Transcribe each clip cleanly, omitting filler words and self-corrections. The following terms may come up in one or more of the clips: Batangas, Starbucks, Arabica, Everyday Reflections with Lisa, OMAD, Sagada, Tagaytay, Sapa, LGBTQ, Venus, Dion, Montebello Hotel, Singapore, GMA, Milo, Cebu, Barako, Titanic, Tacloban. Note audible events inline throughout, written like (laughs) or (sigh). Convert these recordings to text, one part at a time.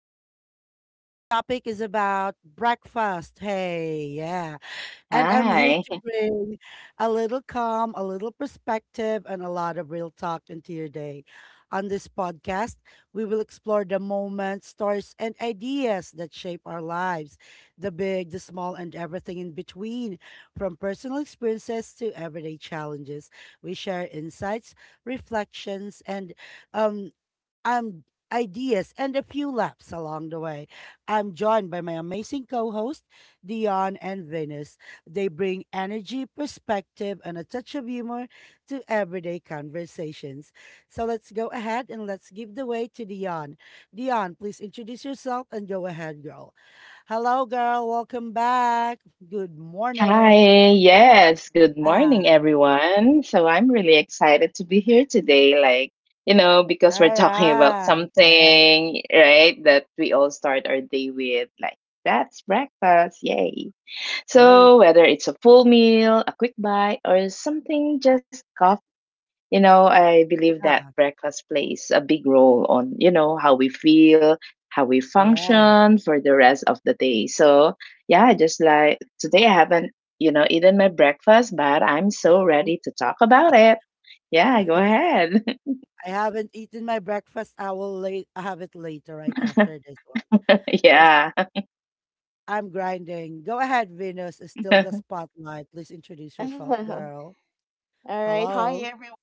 with Lisa. Our topic is about breakfast. Hey, yeah. And I'm here Hi. to bring a little calm, a little perspective, and a lot of real talk into your day. On this podcast, we will explore the moments, stories, and ideas that shape our lives, the big, the small, and everything in between, from personal experiences to everyday challenges. We share insights, reflections, and um, um, ideas and a few laughs along the way. I'm joined by my amazing co host, Dion and Venus. They bring energy, perspective, and a touch of humor to everyday conversations. So let's go ahead and let's give the way to Dion. Dion, please introduce yourself and go ahead, girl. Hello, girl. Welcome back. Good morning. Yes. Good Ah, morning, everyone. So I'm really excited to be here today. Because we're all talking about right. Yes. something, right, that we all start our day with. Like, that's breakfast. Yay. Yay. So whether it's a full meal, a quick bite, or something just, I believe that Yeah. breakfast plays a big role on, you know, how we feel, how we function for the rest of the day. So, yeah, just like today I haven't eaten my breakfast, but I'm so Yeah. ready to talk about it. Yeah, go ahead. (laughs) I haven't eaten my breakfast. I will late. I have it later, right after this one. I'm s- Yeah. (laughs) I'm grinding. Go ahead, Venus. Is still the spotlight. Please introduce yourself, (laughs) girl. All right. Hi, Hello. everyone.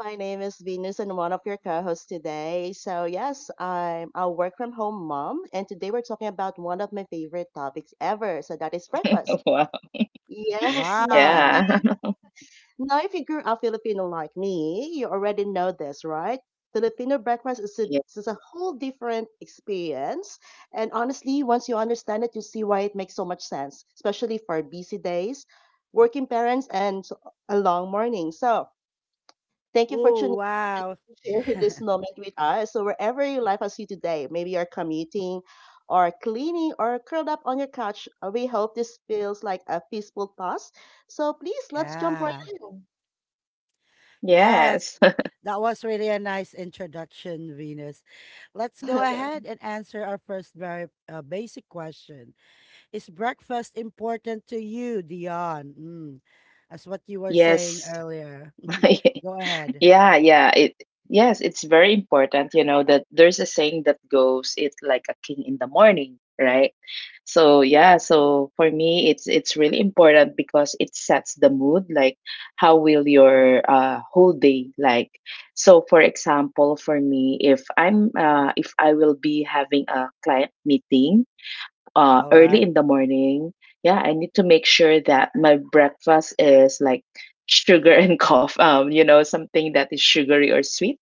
My name is Venus, and one of your co hosts today. So, yes, I'm a work from home mom, and today we're talking about one of my favorite topics ever. So, that is breakfast. Wow. Yes, (laughs) no, if Wow. you Yeah. (laughs) now, if you grew up Filipino like me, you already know this, right? Filipino breakfast is Yes. is a whole different experience. And honestly, once you understand it, you see why it makes so much sense, especially for busy days, working parents, and a long morning. So, thank you for Oh tuning wow. in to share (laughs) (laughs) this moment with us. So, wherever your life has you today, maybe you're commuting or cleaning or curled up on your couch, we hope this feels like a peaceful pause. So, please, let's jump right Yeah. in. Yes. Yes. That was really a nice introduction, Venus. Let's go ahead (laughs) and answer our first very basic question. Is breakfast important to you, Dion? Mm, as what you (laughs) were saying Yes. earlier. (laughs) (laughs) Go ahead. Yeah. It yes, it's very important, you know, that there's a saying that goes, it's like a king in the morning, right? So yeah, so for me it's really important because it sets the mood, like how will your whole day like. So for example, for me, if I'm if I will be having a client meeting, All early right. in the morning, yeah, I need to make sure that my breakfast is like sugar (laughs) and coffee, you know, something that is sugary or sweet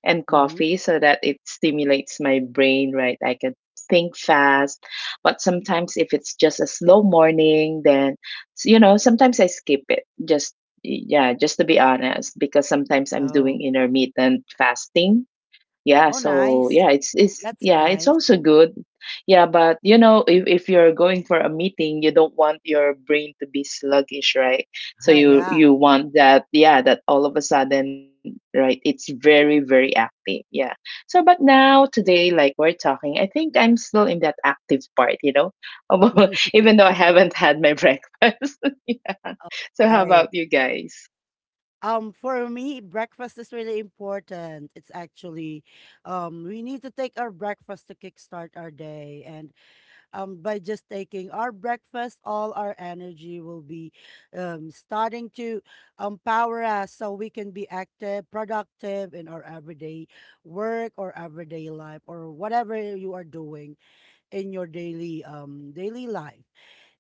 and Mm-hmm. coffee so that it stimulates my brain, right? I can think fast. But sometimes if it's just a slow morning, you know, sometimes I skip it just. Yeah, just to be honest, because sometimes I'm doing Oh. intermittent fasting. Yeah, Oh, so nice. yeah, That's it's nice. also good. Yeah, but you know, if you're going for a meeting, you don't want your brain to be sluggish, right? (laughs) So you Yeah. you want that, yeah, that all of a sudden, right, it's very active. Yeah. So but now today like we're talking, I think I'm still in that active part, you know. (laughs) Although even though I (laughs) haven't had my breakfast. (laughs) Yeah. All So how right. about you guys? For me, breakfast is really important. We need to take our breakfast to kickstart our day, and by just taking our breakfast all our energy will be starting to empower us, so we can be active, productive in our everyday work or everyday life or whatever you are doing in your daily daily life.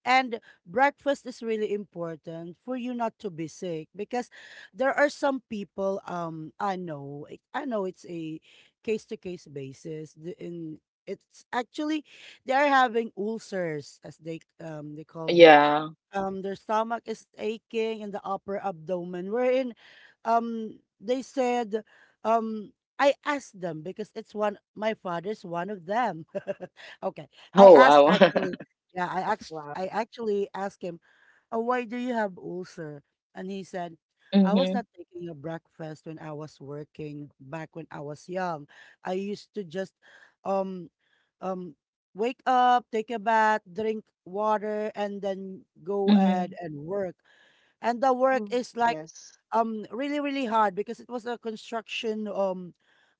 And breakfast is really important for you not to be sick, because there are some people, I know I know it's a case to case basis, in, it's actually, they are having ulcers as they call the, Yeah. Their stomach is aching and the upper abdomen, wherein they said, um I asked them because it's one, my father's one of them. (laughs) Okay. I Oh, asked wow. actually, (laughs) yeah, I asked. I actually asked him, oh, why do you have ulcer? And he said, I was Mm-hmm. not taking a breakfast when I was working, back when I was young. I used to just um um wake up, take a bath, drink water, and then go ahead Mm-hmm. and work. And the work Mm. is like Yes. Really hard, because it was a construction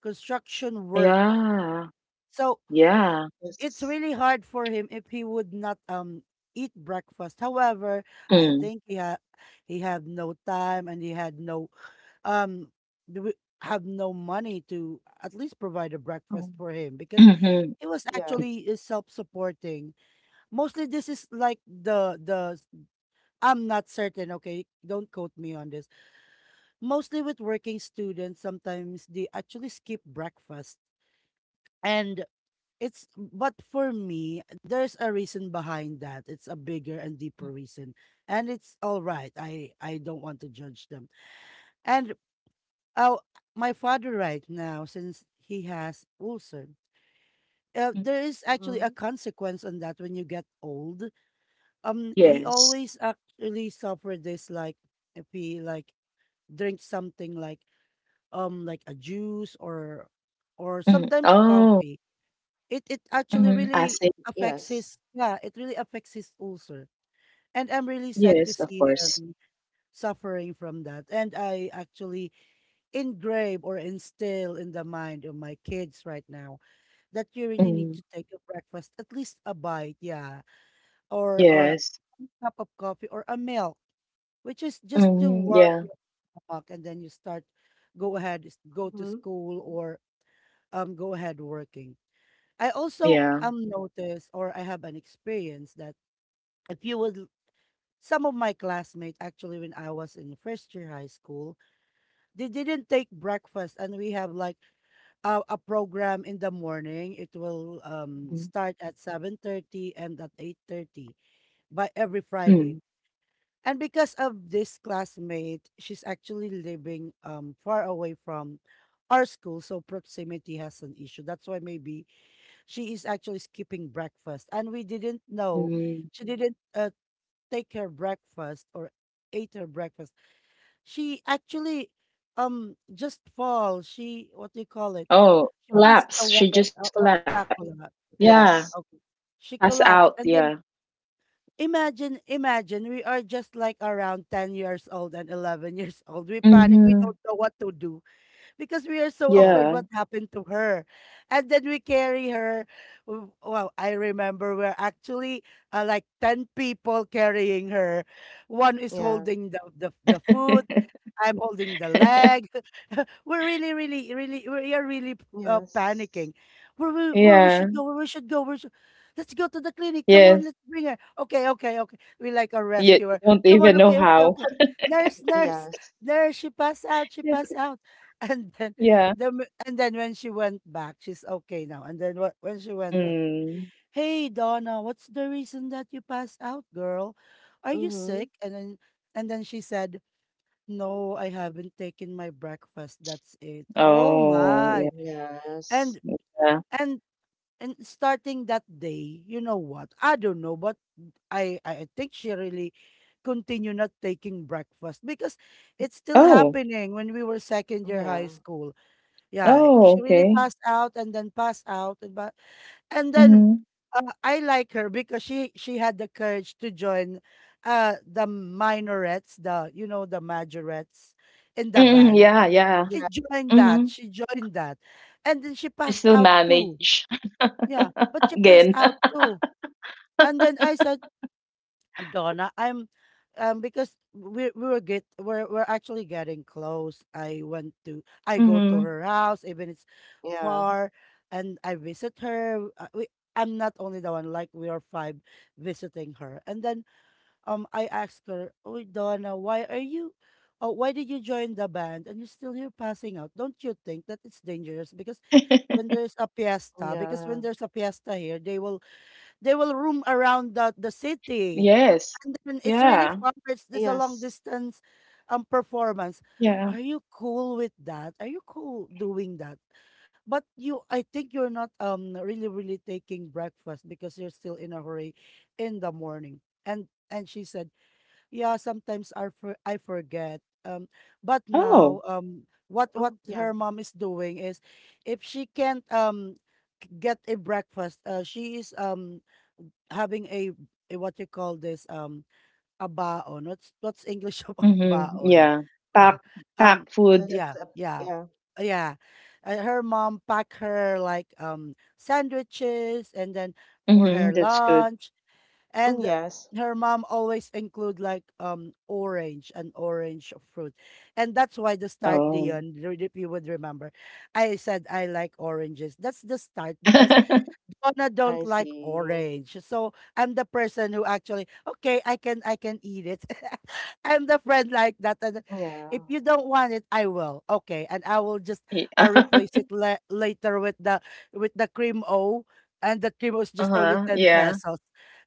construction work. Yeah. So Yeah. it's Yes. really hard for him if he would not eat breakfast. However, I Mm. think he had, he had no time and he had no, um w- have no money to at least provide a Oh. breakfast for him, because Mhm. he was Yeah. actually self supporting. Mostly this is like the I'm not certain, okay? Don't quote me on this. Mostly with working students, sometimes they actually skip breakfast. And it's, but for me, there's a reason behind that. It's a bigger and deeper reason. And it's all right. I don't want to judge them. And oh, my father right now, since he has ulcer. Mhm. There is actually Hmm. a consequence on that when you get old. He Yes. always actually suffered this, like if he like drinks something like, like a juice or Mm. sometimes Oh. coffee, it actually Mhm. I really said affects Yes. his, yeah, it really affects his ulcer. And I'm really sad to yes, of see course. him suffering from that. And I actually engrave or instill in the mind of my kids right now that you really need Mm. to take a breakfast, at least a bite, yeah, or Yes. cup of coffee or a milk, which is just to Mm. warm Yeah. your stomach. And then you start, go ahead, go Hmm. to school or go ahead working. I also Yeah. Noticed, or I have an experience that, if you would l- some of my classmates actually, when I was in first year high school, they didn't take breakfast, and we have like a program in the morning. It will Mm. start at 7:30, and at 8:30 by every Friday. Mm. And because of this classmate, she's actually living far away from our school, so proximity has an issue. That's why maybe she is actually skipping breakfast, and we didn't know. Mm. She didn't take her breakfast or ate her breakfast. She actually just fall. She, what do you call it? Oh, She passed collapse. away. She just What? collapsed. Yeah, collapse. Yeah. Yes. Okay. Pass She out. collapsed, Yeah. and then, imagine we are just like around 10 years old and 11 years (laughs) old. We panic. We Mm-hmm. don't know what to do, because we are so Yeah. afraid Yeah. what happened to her. And then we carry her. Well, I remember we're actually, like 10 people carrying her. One is Yeah. holding the foot. (laughs) I'm holding the leg. We're really, really, really, we are really Yes. panicking. Where we Yeah. should go, where we should go, where should, let's go to the clinic. Come on, Yes. let's bring her. Okay, okay, okay. We like our You rescuer. don't Come on, even know okay, okay, how. okay. Nurse, nurse, Yes. nurse. She passed out. She passed (laughs) out. (laughs) And then, Yeah. And then when she went back, she's okay now. And then when she went back, Mm. hey Donna, what's the reason that you passed out, girl? Are you Hmm. sick? And then she said, no, I haven't taken my breakfast. That's it. Oh Oh, my. yeah. Yes. And Yeah. and and starting that day, you know what? I don't know, but I think she really continue not taking breakfast, because it's still Oh. happening when we were second year Yeah. high school. Yeah, Oh, she really okay. passed out and then passed out and but, and then Mhm. I like her because she had the courage to join the minorettes, the you know the majorettes in the Mm, band. yeah, yeah. she Yeah. joined that, Mhm. she joined that. And then she She passed still out too. manage (laughs) Yeah, but she again. passed out (laughs) too. And then I said, Donna, I'm because we're actually getting close. I go to Mhm. her house, even it's Yeah. far, and I visit her. We, I'm not only the one, like we are five visiting her. And then I asked her, "Oh, Donna, why are you, oh, why did you join the band and you're still here passing out? Don't you think that it's dangerous? Because when there's a fiesta, Yeah. Here, they will, they will roam around the city. Yes. And then it's really Yeah. far. It's this a long Yes. distance performance. Yeah. Are you cool with that? Are you cool doing that? But you, I think you're not really taking breakfast, because you're still in a hurry in the morning." And she said, yeah, sometimes I I forget. But now, Oh. What Mm, her yeah. mom is doing is, if she can't get a breakfast, she is having a, what you call this, a baon. What's English (laughs) of a Mhm. baon? Yeah. Pack (laughs) pack Um, food. Yeah, that's yeah, yeah. yeah. Her mom pack her like sandwiches, and then for her Mhm. That's good. lunch, Mm, and yes. her mom always include like orange, an orange fruit. And that's why the start, Oh. Dion, if you would remember, I said I like oranges. That's the start, because (laughs) Donna don't I like see. orange. So I'm the person who actually, okay, I can eat it. (laughs) I'm the friend like that. And Yeah. if you don't want it, I will. Okay. And I will just Yeah. Replace (laughs) it later with the, with the cream O. And the cream was just only Uh-huh. 10 Yeah. pesos.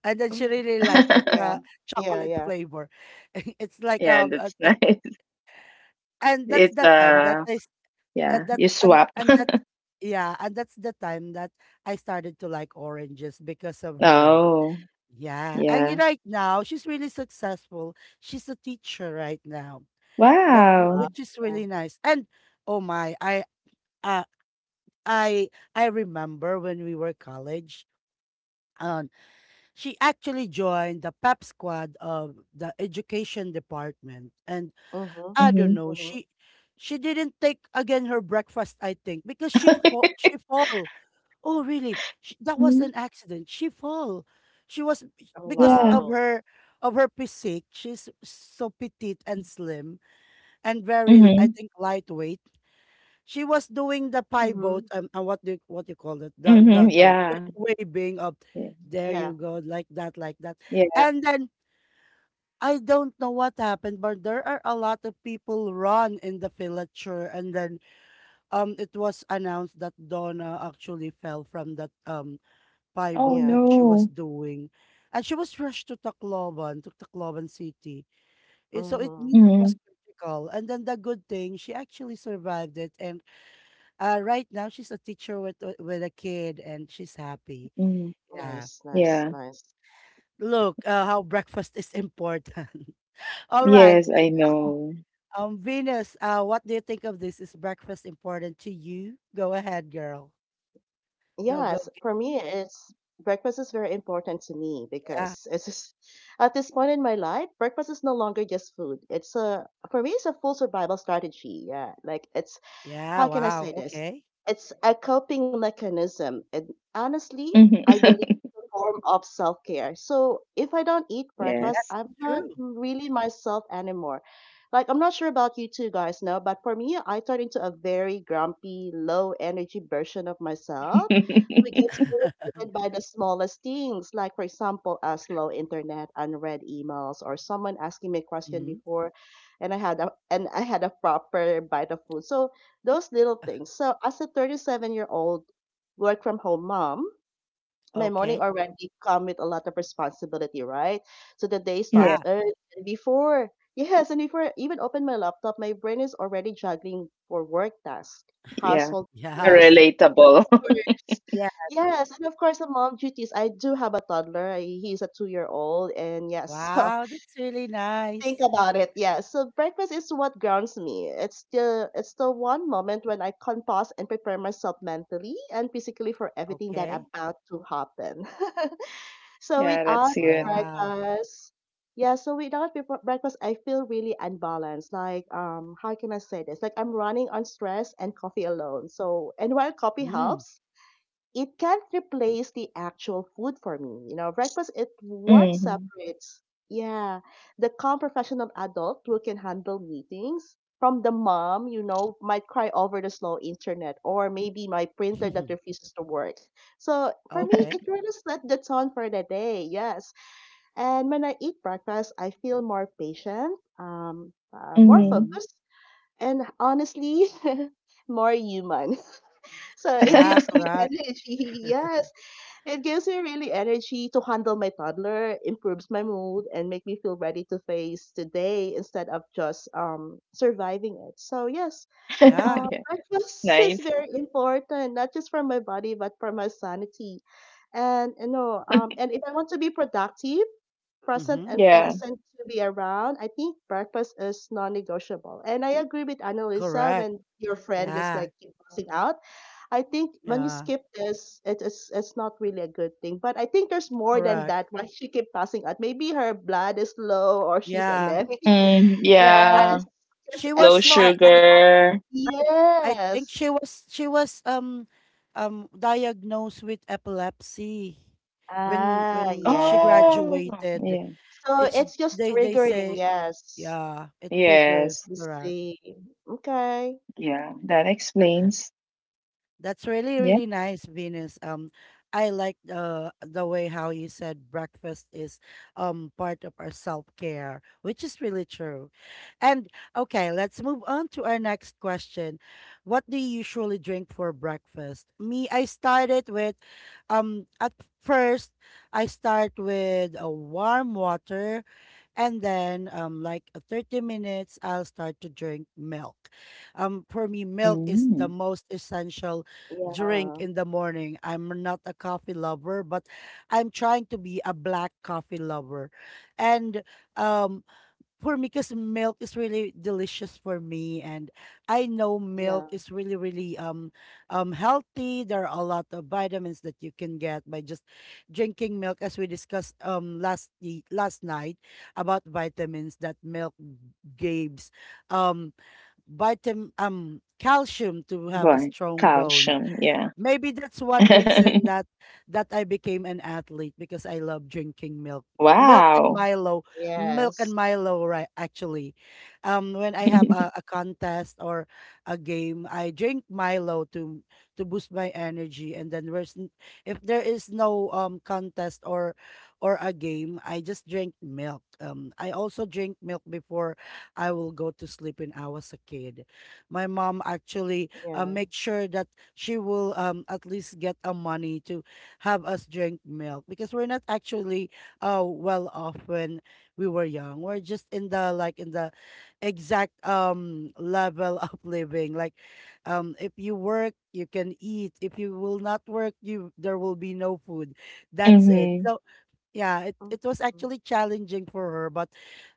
And then she Mm, really like mm, it, the (laughs) yeah. Yeah. chocolate Yeah. flavor. (laughs) It's like Yeah, that's nice. (laughs) and that's It's the time that uh, I, yeah, you swap. (laughs) That's, yeah, and that's the time that I started to like oranges because of her. Oh. Yeah, and you, Yeah. right now she's really successful, she's a teacher right now, that's Wow. Wow. which is really nice. And oh my, uh, i I remember when we were college, um, she actually joined the pep squad of the education department. And Mm-hmm. I Mhm. don't know, Mm-hmm. she didn't take again her breakfast, I think, because she (laughs) fall. Oh, really? Sh, that was Mm, an accident. She fall. She was, Oh, because yeah. of wow. her, of her physique. She's so petite and slim, and very, I Mhm. think, lightweight. She was doing the pivot Mm-hmm. And what do you, what you call it? The the Mhm. the like Yeah. the waving of, Yeah. there you Yeah. go, like that, like that. Yeah. And then I don't know what happened, but there are a lot of people run in the filature. And then it was announced that Donna actually fell from that Oh pivot that Yeah. she was no. doing. And she was rushed to Tacloban City. So it means Mm-hmm. it was Mhm. critical. And then the good thing, she actually survived it. And right now, she's a teacher with, with a kid and she's happy. Mhm. Yeah. Nice, Yeah. nice, nice. Look, how breakfast is important. (laughs) All right. Yes, I Yes. know. Venus, what do you think of this? Is breakfast important to you? Go ahead, girl. Go, go, Yes, for go. me, it's breakfast is very important to me Yeah. because it's just, (laughs) at this point in my life, breakfast is no longer just food. It's a for me, it's a full survival strategy. Yeah, like it's Yeah. how can I say Wow. this? Okay. It's a coping mechanism. And honestly, Mhm. I believe it's (laughs) a form of self care. So if I don't eat Yeah, breakfast, Yes. that's I'm not true. really myself anymore. Like, I'm not sure about you two guys now, but for me, I turn into a very grumpy, low energy version of myself who gets (laughs) irritated by the smallest things, like, for example, a slow internet, unread emails, or someone asking me a question Hmm. before and I had a proper bite of food. So those little things. So as a 37-year-old work from home mom, my morning Okay. already come with a lot of responsibility, right? So the day starts Yeah. Yes. early and before (laughs) yes, and before I even open my laptop, my brain is already juggling for work tasks, Yeah. household A chores, Yes. relatable. (laughs) chores. Yeah. Yes, and of course, the mom duties. I do have a toddler. He's a 2 year old, and yes, (laughs) Wow, that's really nice. think about it, yeah. So breakfast is what grounds me. It's the one moment when I can pause and prepare myself mentally and physically for everything that Okay. about to happen. (laughs) So Yeah, without that's good. Wow. breakfast, yeah. So without breakfast, I feel really unbalanced. Like how can I say this? Like I'm running on stress and coffee alone. So and while coffee Mm. helps, it can't replace the actual food for me. You know, breakfast is what Mhm. separates, yeah, the calm professional adult who can handle meetings from the mom, you know, might cry over the slow internet or maybe my printer that (laughs) refuses to work. So for me, Okay. it really set the tone for the day, yes. And when I eat breakfast, I feel more patient, more Mm-hmm. Mhm. focused, and honestly, (laughs) more human. (laughs) So it Yeah, gives me (laughs) correct. energy, (laughs) yes, it gives me really energy to handle my toddler, improves my mood, and make me feel ready to face today instead of just surviving it. So yes, Yeah. Yeah. breakfast is Nice. very important, not just for my body but for my sanity. And you know, and if I want to be productive, present, Mm-hmm. and Yeah. pleasant to be around, I think breakfast is non-negotiable. And I agree with Annalisa Correct. when your friend just like Yeah. keep passing out. I think when you Yeah. skip this, it's not really a good thing. But I think there's more than Correct. that. Why she keep passing out? Maybe her blood is low or she's Yeah. anemic. (laughs) Mm, Um, yeah. Yes, yes, she Low it's was not. Sugar. I think Yes. she was diagnosed with epilepsy when Ah, when she yes. Oh, graduated. yeah. So It's it's just They triggering. say, Yes. yeah, it triggers, Yes. I correct. see. Okay. Yeah. That (laughs) explains. That's really, really Yeah. nice, Venus. I like the way how you said breakfast is part of our self-care, which is really true. And okay, let's move on to our next question. What do you usually drink for breakfast? Me, I started with, at first I start with a warm water, and then like 30 minutes I'll start to drink milk. For me, milk is the Mm. most essential drink Yeah. in the morning. I'm not a coffee lover, but I'm trying to be a black coffee lover. And um for me, because milk is really delicious for me, and I know milk Yeah. is really, really healthy. There are a lot of vitamins that you can get by just drinking milk, as we discussed last last night, about vitamins that milk gives, um vitamin, calcium, to have a Right. strong bones. Calcium, yeah. Maybe that's one reason (laughs) that I became an athlete, because I love drinking milk. Milk and Wow. Milo, milk and Yes. Milo, right? Actually, when I have a (laughs) contest or a game, I drink Milo to boost my energy. And then if there is no contest or a game, I just drink milk. I also drink milk before I will go to sleep when I was a kid. My mom actually, Yeah. make sure that she will at least get a money to have us drink milk, because we're not actually well off when we were young. We're just in the, like in the exact level (laughs) of living. Like, if you work you can eat. If you will not work, you there will be no food. That's it. So Mm-hmm. yeah, it was Mm-hmm. actually challenging for her, but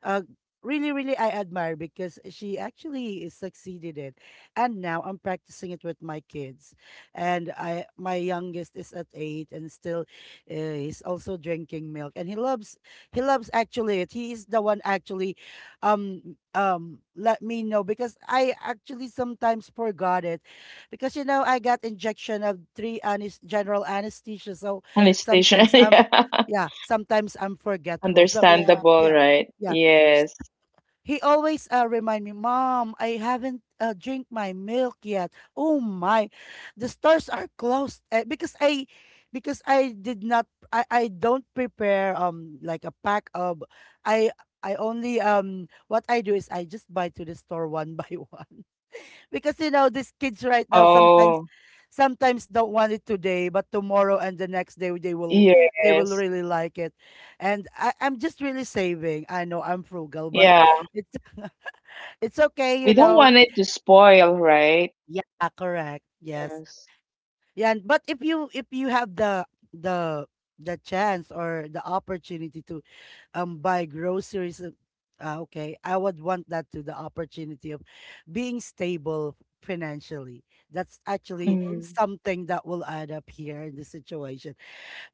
uh really, really I admire, because she actually succeeded it. And now I'm practicing it with my kids, and I my youngest is at 8, and still he's also drinking milk and he loves, actually, it he is the one actually let me know, because I actually sometimes forgot it, because, you know, I got injection of 3 general anesthesia. So And it's station, (laughs) sometimes I'm yeah. yeah, sometimes I'm forgetful. So Yeah. Understandable, yeah, right? yeah. S- Yes. He always, remind me, "Mom, I haven't, drink my milk yet. Oh my, the stores are closed," because because I did not, I don't prepare like a pack of, I I only, what I do is I just buy to the store one by (laughs) one, because, you know, these kids right now sometimes, Oh, don't want it today, but tomorrow and the next day they will, yes. really like it. And I'm just really saving. I know I'm frugal, but Yeah. it's (laughs) it's okay, you We don't Yeah. know. want it to spoil, right? Yeah, correct. Yes. Yes. Yeah, but if you have the the chance or the opportunity to buy groceries, okay, I would want that, to the opportunity of being stable financially. That's actually Mm-hmm. Mm. something that will add up here in the situation.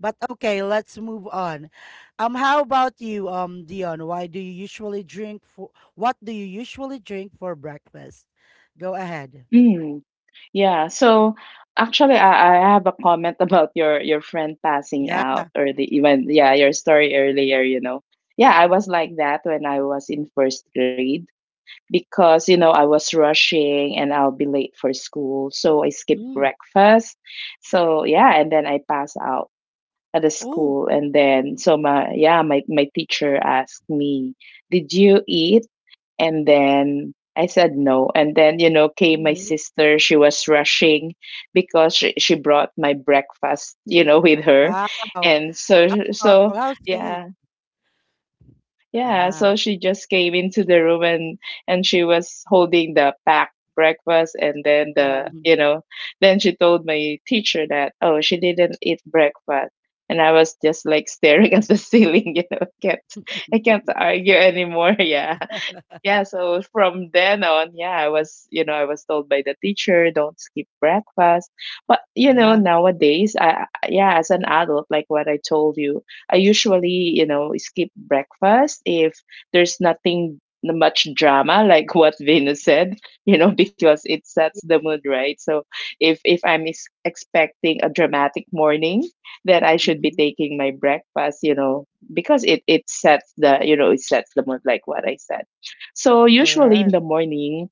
But okay, let's move on. How about you, Dion, why do you usually drink for what do you usually drink for breakfast? Go ahead. Mm. Yeah, so actually I have a comment (laughs) about your friend passing Yeah. out or the even, yeah, your story earlier, you know. Yeah, I was like that when I was in first grade because, you know, I was rushing and I'll be late for school, so I skipped Mm. breakfast. So, yeah, and then I pass out at the Oh, school and then so my, yeah, my teacher asked me, "Did you eat?" And then I said no. And then, you know, came my Mm-hmm. sister. She was rushing because she brought my breakfast, you know, (laughs) with her. wow, And so, how thoughtful, so how sweet. yeah, yeah. Yeah. So she just came into the room, and she was holding the packed breakfast. And then the, Yeah. you know, then she told my teacher that, oh, she didn't eat breakfast. And I was just like (laughs) staring at the ceiling, (laughs) you know, I can't (laughs) argue anymore. (laughs) Yeah. Yeah, so from then on, yeah, I was, you know, I was told by the teacher, don't skip breakfast. But, you know, Yeah. nowadays, yeah, as an adult, like what I told you, I usually, you know, skip breakfast if there's nothing much drama, like (laughs) what Venus said, (laughs) you know, because it sets the mood, right? So if I'm ex expecting a dramatic morning, then I should be Hmm. taking my breakfast, you know, because it sets the, you know, it sets the mood, like what I said. So usually in Correct. the morning,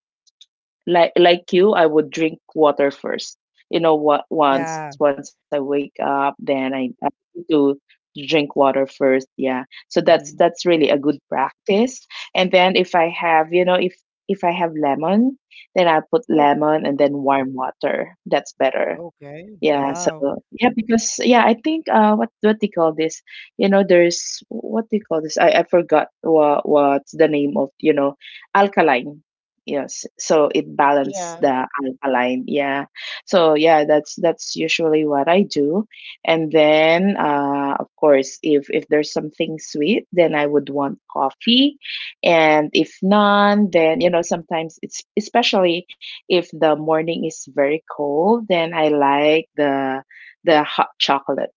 like you, I would drink water first. You know what? Once Yeah. once I wake up, then I need to drink water first. Yeah. So that's Mhm. really a good practice. And then if I have, you know, if I have lemon, then I put Oh. lemon and then warm water. That's better. Okay. Yeah, Wow. so yeah, because yeah, I think what do you call this? You know, there's what do you call this? I forgot what's the name of, you know, alkaline. Yes, so it balances Yeah, the alkaline. Yeah, so yeah, that's usually what I do, and then, of course, if there's something sweet, then I would want coffee, and if none, then you know sometimes it's, especially if the morning is very cold, then I like the hot chocolate,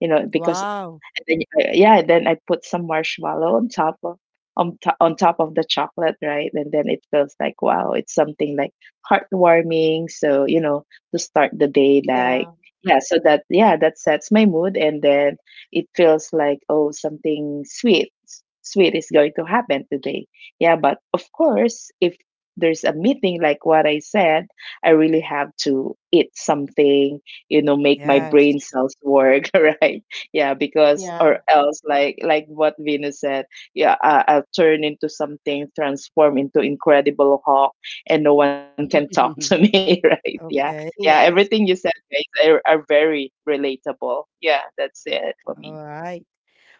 you know, because Wow. and then then I put some marshmallow on top of on top of the chocolate, right? And then it feels like wow, it's something like heartwarming. So, you know, to start the day like, yeah, yeah, so that, yeah, that sets my mood. And then it feels like oh, something sweet is going to happen today. Yeah, but of course, if there's a meeting like what I said, I really have to eat something, you know, make my Yes. brain cells work. (laughs) Right. Yeah, because or yeah. else like what Venus said, yeah, I'll turn into something, transform into Incredible Hulk, and no one can talk (laughs) to (laughs) me, right? Yeah yeah Okay. Everything you Yes. said, guys, are very relatable. Yeah, that's it for me. All right.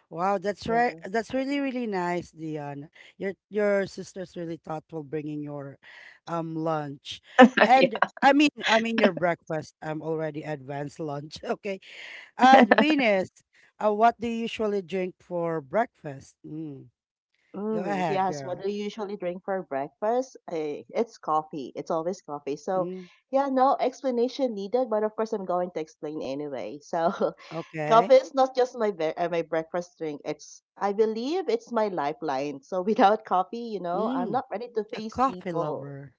Wow, that's right. Yeah. That's really, really nice, Dion. Your sister's really thoughtful, bringing your lunch. (laughs) Yeah. And I mean your breakfast. I'm already advanced lunch. (laughs) Okay. Venus, what do you usually drink for breakfast? Mm. Go Mm, ahead, yes. What girl. do you usually drink for breakfast? Eh, it's coffee. It's always coffee. So, Mm. yeah, no explanation needed, but of course I'm going to explain anyway. So, (laughs) coffee Okay. is not just my my breakfast drink. It's I believe it's my lifeline. So, (laughs) without coffee, you know, I'm Mm. not ready to A face coffee people. lover.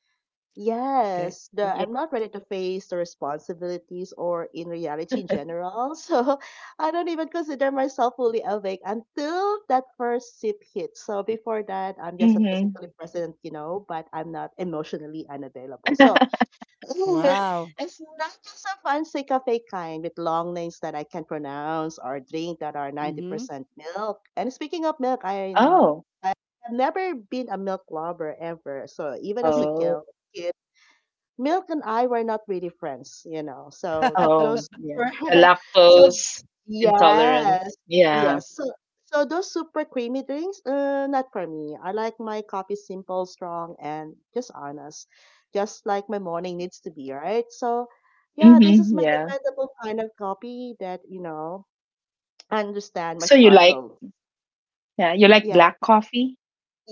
Okay. Yes, the I'm Yeah. not ready to face the responsibilities or in reality in general. (laughs) So I don't even consider myself fully awake until that first sip hits. So before that, I'm just a Hmm. physically present, you know, but I'm not emotionally unavailable. (laughs) So (laughs) Wow. it's not just a fancy cafe kind with long names that I can pronounce or drink that are Mhm. 90% milk. And speaking of milk, I Oh. I've never been a milk lover ever. So even as a kid, Oh. milk and I were not really friends, you know. So (laughs) Oh, those yeah. were The (laughs) so lactose yes, intolerance. Yeah. yes. So so those super creamy drinks, not for me. I like my coffee simple, strong, and just honest, just like my morning needs to be, right? So yeah, this Mm-hmm. is my Yeah. dependable kind of coffee that you know understand my So you like, struggles. yeah, you like Yeah. black coffee?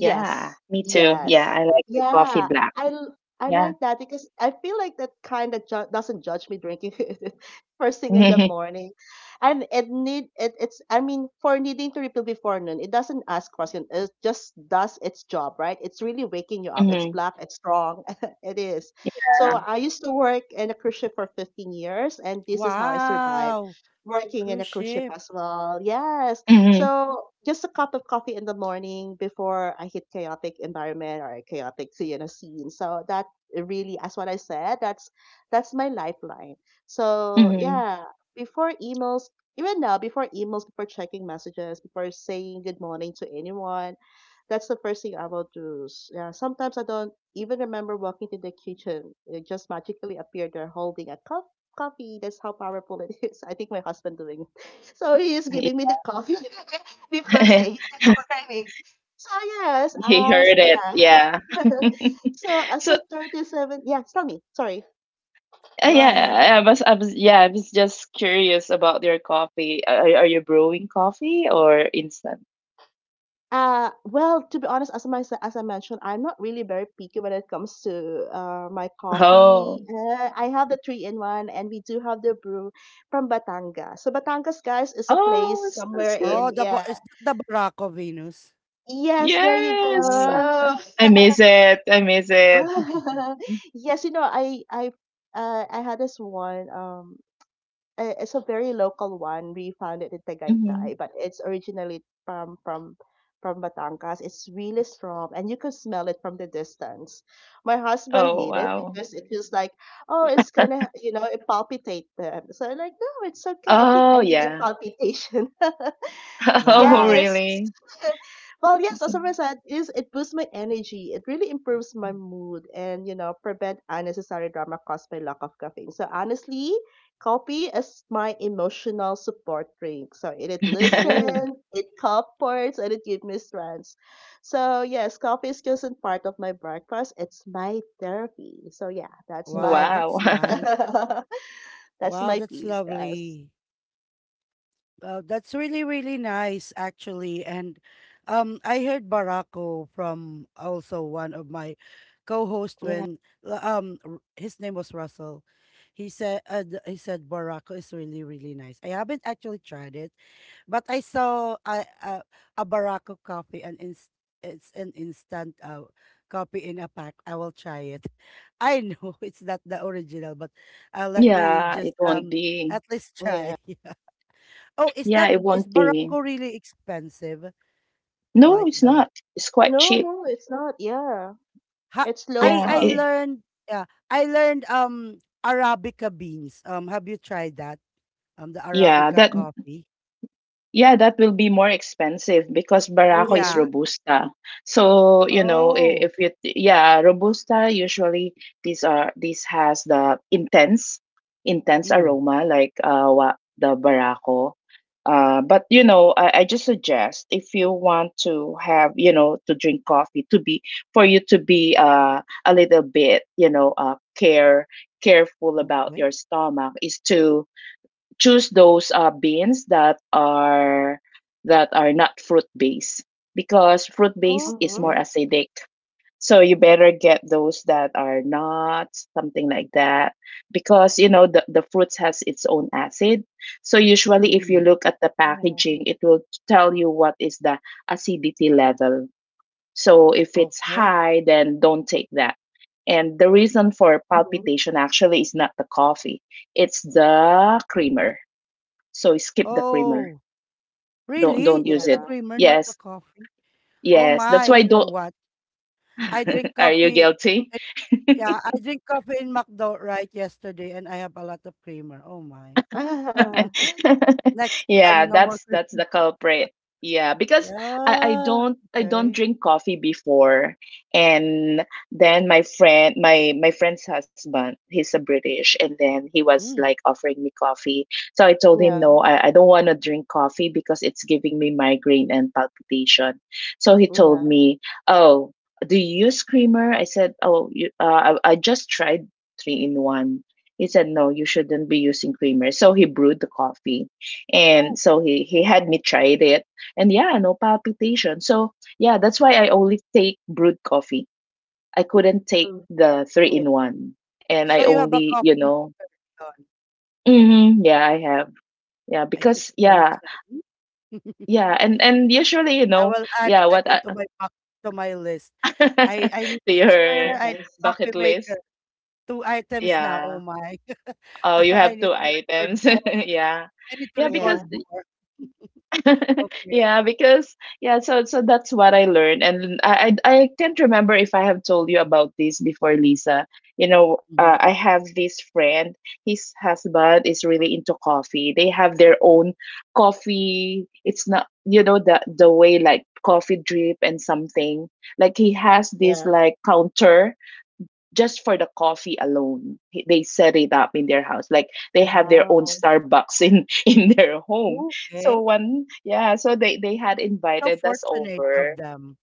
Yeah, me too. Yeah, I like my coffee yeah. black. I Yeah. like that because I feel like that kind of doesn't judge me drinking (laughs) first thing in the (laughs) morning, and it's I mean for needing to refill before noon, it doesn't ask question. It just does its job, right? It's really waking you up. Mm-hmm. It's Mm-hmm. black. It's strong. (laughs) it is. So Yeah. I used to work in a cruise ship for 15 years, and this is how I survived Wow! working in a Cruise cruise ship ship. as well. Yes, Mm-hmm. so just a cup of coffee in the morning before I hit chaotic environment or chaotic you know scene. So that really, as what I said, that's my lifeline. So Mm-hmm. yeah, before emails, even now, before emails, before checking messages, before saying good morning to anyone, that's the first thing I will do. S- Yeah, sometimes I don't even remember walking to the kitchen. It just magically appeared there holding a cup coffee. That's how powerful it is. (laughs) I think my husband doing so he is giving me the Yeah. coffee (laughs) before saying good (laughs) morning. So yes, He as heard it. yeah. Yeah. (laughs) (laughs) so as So, a 37, yeah. Tell me, sorry. Go ahead. yeah, I was just curious about your coffee. Are you brewing coffee or instant? Well, to be honest, as I mentioned, I'm not really very picky when it comes to my Oh. coffee. I have the three in one, and we do have the brew from Batangas. So Batangas, guys, is a Oh, place that's somewhere good. Oh, in the Ba yeah. is that the Barako, Venus? Yes, there you Yes, Oh. ah, go. (laughs) I miss it. (laughs) Mhm, (laughs) yes, you know, I had this one. It's a very local one. We found it in mhm. Tagaytay, but it's originally from Batangas. It's really strong, and you can smell it from the distance. My husband Oh, hated it wow. because it feels like, oh, it's gonna, (laughs) you know, it palpitate them. So I'm like, no, it's okay. I think Oh, I need a yeah. palpitation. (laughs) (laughs) Oh, Wow. yes, really? well, yes, as I said, is it boosts my energy. It really improves my mood and you know prevent unnecessary drama caused by lack of caffeine. So honestly, coffee is my emotional support drink. So it Oh. listens, (laughs) it comforts, and it gives me strength. So yes, coffee is just not part of my breakfast. It's my therapy. So yeah, that's Wow, my Wow. that's (laughs) nice. (laughs) that's Wow, my that's piece, guys. lovely. That's really, really nice, actually. And I heard Barako from also one of my co-hosts, Yeah, when his name was Russell. He said Barako is really, really nice. I haven't actually tried it, but I saw a Barako coffee, and inst it's an instant, coffee in a pack. I will try it. (laughs) I know it's not the original, but let me Yeah, it just won't be. at least yeah. try. (laughs) Oh, is Yeah, that, it is won't be. Barangko really expensive? No, Like it's the, not. It's quite No, cheap. no, it's not. Yeah, ha, it's Yeah, I local. learned, yeah, I learned Arabica beans. Have you tried that? The yeah. Arabica That coffee. Yeah, that will be more expensive because Barako is Mhm. Yeah. Robusta. So, you know, I- Oh. if you, t- yeah, Robusta usually these are, this has the intense Mm. aroma like the Barako. But you know, I just suggest if you want to have, you know, to drink coffee to be, for you to be, uh, a little bit, you know, careful about your Okay. stomach, is to choose those, beans that are, that are not fruit based, because fruit based is Mhm. more Okay. acidic. So you better get those that are not, something like that, because you know the fruits has its own acid. So usually if you Mm. look at the Yeah. packaging it will tell you what is the acidity level. So if it's Okay. high, then don't take that. And the reason for Hmm. palpitation actually is not the coffee, it's the creamer. So skip the creamer. Oh, really? Don't It's use the it. Yeah. creamer, not the Yes, coffee. Oh yes. my, That's why you know don't. what? I drink (laughs) Are you coffee. guilty? Yeah, I drink coffee in McDo right yesterday and I have a lot of creamer. Oh my. (laughs) (laughs) (laughs) Next Yeah, time, no more that's cream. The (laughs) culprit. Yeah, because I Yeah, don't, I don't okay. drink coffee before, and then my friend, my friend's husband, he's a British, and then he was Mm. like offering me coffee. So I told him Yeah. no, I don't want to drink coffee because it's giving me migraine and palpitation. So he told Yeah. me, oh, do you use creamer? I said, oh, you, I just tried three in one. He said, no, you shouldn't be using creamer. So he brewed the coffee. And Oh, so he had me try it. And yeah, no palpitation. So yeah, that's why I only take brewed coffee. I couldn't take Mm. the three Yeah. in one. And so I you have a only, coffee you maker. know, Yun. mm-hmm, yeah, I have. Yeah, It's because expensive. yeah, (laughs) yeah, Mm. And usually, you I know, will add it yeah, what again I, to my pack, to my list. I need (laughs) to toaster, your I need Yes. coffee bucket list, maker. Two items now. yeah. Oh my. (laughs) Oh, you I have two need to record items. more. (laughs) Yeah. I need to Yeah, because record Yeah. more. (laughs) Okay. yeah, because yeah, so so that's what I learned, and I can't remember if I have told you about this before, Lisa. You know, Mhm. I have this friend. His husband is really into coffee. They have their own coffee. It's not, the way like coffee drip and something. Like he has this Yeah. like counter just for the coffee alone they set it up in their house like they have their own Wow. Starbucks in (laughs) in their home Okay. so one yeah so they had So invited us fortunate of over them.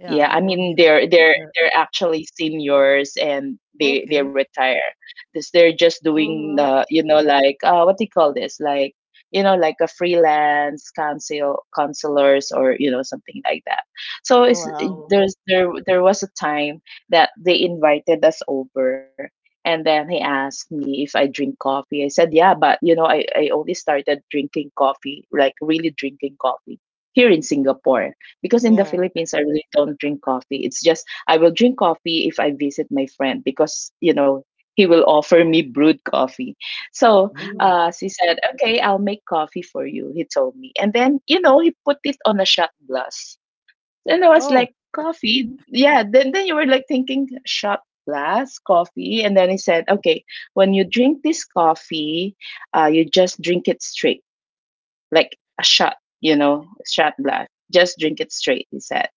Yeah, yeah, they I only mean have. they're they're Yeah, they're actually seniors and they okay. retire. This they're just doing Mm-hmm. the like what do you call this? Like you know like a freelance counselors or you know something like that. So it's Wow. There was a time that they invited us over and then he asked me if I drink coffee. I said yeah, but you know I only started drinking coffee like really drinking coffee here in Singapore because in the Yeah. Philippines, I really don't drink coffee. It's just I will drink coffee if I visit my friend because, you know, he will offer me brewed coffee. So Mm. Mm. she said, okay, I'll make coffee for you, he told me. And then, you know, he put it on a shot glass. And I was Oh. like, coffee? Yeah. Then you were like thinking, shot glass, coffee. And then he said, okay, when you drink this coffee, you just drink it straight, like a shot, you know, shot glass. Just drink it straight, he said.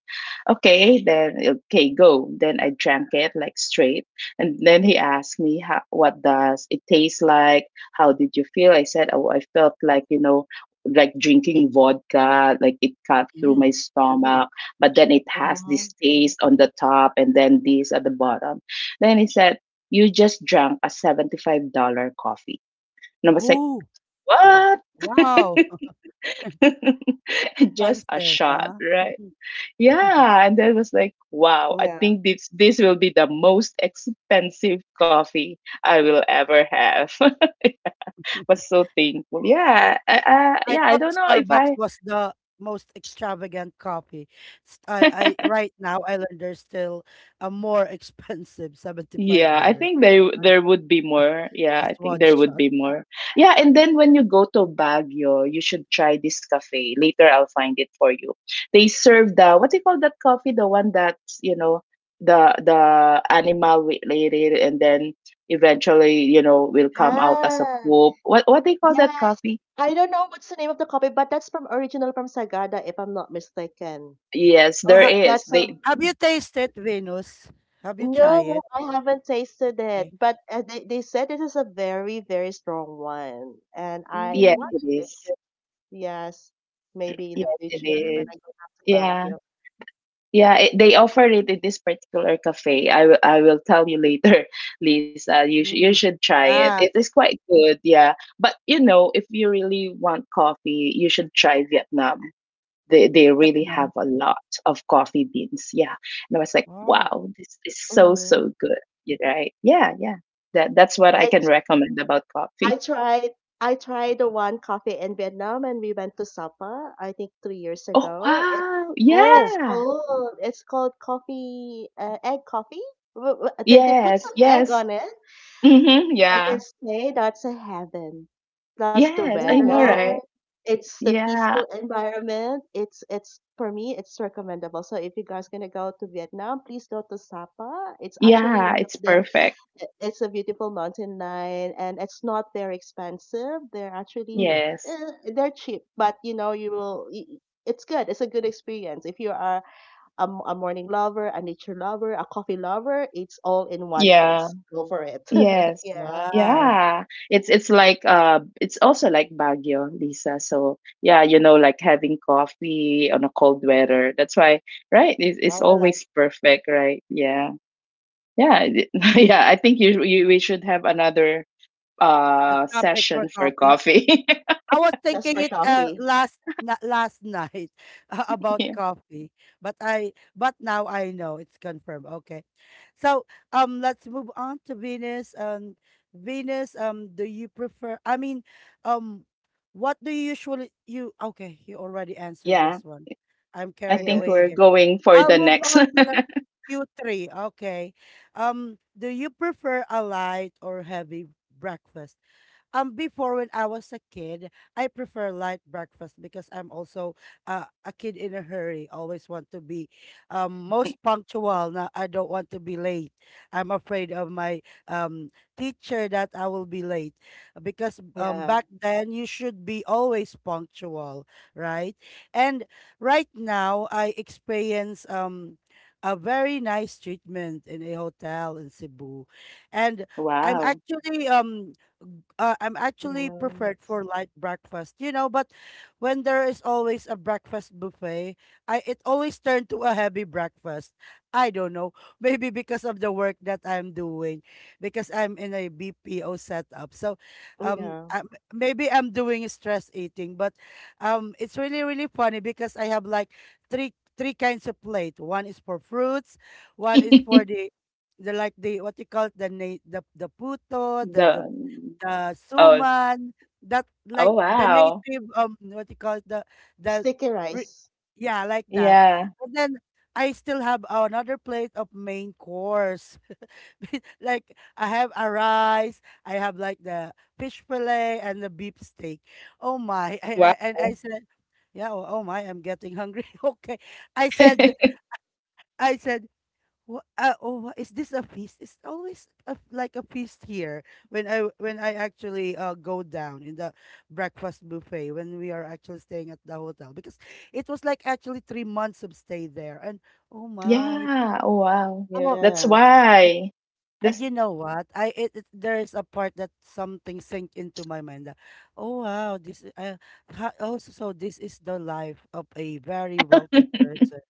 Okay, then okay, go. Then I drank it like straight. And then he asked me how, what does it taste like? How did you feel? I said, oh, I felt like, you know, like drinking vodka, like it cut through my Mm. stomach, but then it has this Mm-hmm. taste on the top and then this at the bottom. Then he said, you just drank a $75 coffee. And I was like, Oh, what? wow, (laughs) Just a offensive, shot, huh? right? Yeah, and that was like, wow, I Yeah. think this will be the most expensive coffee I will ever have. (laughs) Was (laughs) so thankful. Yeah, I yeah, I thought the don't know if Starbucks I. was the most extravagant coffee. S- I Right now I learned there's still a more (laughs) expensive Yeah, I $75. think So they I, there would be more. Yeah, I just think one there would shot. be more. Yeah, and then when you go to Baguio, you should try this cafe. Later, I'll find it for you. They serve the what do you call that coffee? The one that's, you know, the animal related, and then eventually, you know, will come out as a Ah, poop. What they call that yes. coffee? I don't know what's the name of the copy, but that's from original from Sagada, if I'm not mistaken. Yes, Oh, there But ha is. that's a They have you tasted, Venus? Have you no, tried it? I haven't tasted it. Okay. But they said it is a very, very strong one, and I yes, want Mm, to it taste is. it. Yes, maybe in the Yes, it future when mm, I is. go back to Yeah. Baguio. Yeah, it, they offered it in this particular cafe. I will tell you later, (laughs) Lisa. You mm. should try it. It Ah, is quite good, yeah. But you know, if you really want coffee, you should try Vietnam. They really Vietnam. have a lot of coffee beans, yeah. And I was like, Wow. wow, this is Mm-hmm. so good, you right? Yeah, yeah. That's what I I can recommend about coffee. I (laughs) tried I tried the one coffee in Vietnam and we went to Sapa, I think 3 years Oh ago. It's wow, Oh, it's yeah. called it's called coffee egg coffee. They put Yes, some egg yes. on it. Mm-hmm, I can yeah. say that's a heaven. Plus the Yes, I oh, know, weather, wow. right? it's the peaceful Yeah, environment. It's for me, it's recommendable. So if you guys gonna go to Vietnam, please go to Sapa. It's actually yeah, one of it's the perfect. It's a beautiful mountain line and it's not very expensive. They're actually Mm, Yes. They're cheap, but you know you will. It's good. It's a good experience if you are a morning lover, a nature lover, a coffee lover. It's all in one Yeah. place. Go for it. Yes. (laughs) yeah. wow. Yeah. It's like it's also like Baguio, Lisa. So yeah, you know, like having coffee on a cold weather. That's why, right? It's Wow, I like always perfect, right? Yeah. Yeah. (laughs) Yeah, I think you, you we should have another a topic for session for coffee. coffee. (laughs) I was Just thinking for it, coffee. last last night, (laughs) about Yeah. coffee, but I but now I know it's confirmed. Okay, so let's move on to Venus. Venus. Do you prefer? I mean, um, what do you usually you? Okay, you already answered Yeah. this one. I'm I carried think away Yes. we're again. going for I'll the move next. on (laughs) to the Q3. Okay, do you prefer a light or heavy breakfast? Before, when I was a kid, I prefer light breakfast, because I'm also, a kid in a hurry. Always want to be, most punctual. Now I don't want to be late. I'm afraid of my um teacher that I will be late, because Yeah. back then you should be always punctual, right? And right now I experience a very nice treatment in a hotel in Cebu. And I'm Wow. actually um I'm actually Yeah. preferred for light breakfast, you know, but when there is always a breakfast buffet, I it always turned to a heavy breakfast. I don't know, (laughs) maybe because of the work that I'm doing, because I'm in a BPO setup. So, Yeah. I maybe I'm doing stress eating, but it's really, really funny, because I have like three kinds of plate. One is for fruits, one is (laughs) for the what you call it, the puto the The the the oh suman, that Oh, like the wow. native, what you call it, the, the Sticky re- rice. yeah, like that. Yeah. And then I still have another plate of main course. (laughs) Like I have a rice, I have like the fish fillet and the beef steak. Oh my! (laughs) And I Wow. said, yeah. Oh, oh my! I'm getting hungry. (laughs) Okay, I said, (laughs) I said is this a feast? It's always like a feast here, when I actually, go down in the breakfast buffet, when we are actually staying at the hotel, because it was like actually 3 months of stay there. And oh my, Yeah. Oh, wow. oh, That's Yes. and, why. and That's you know what, there is a part that something sank into my mind that, oh wow, this is- ha, oh so this is the life of a very wealthy (laughs) person,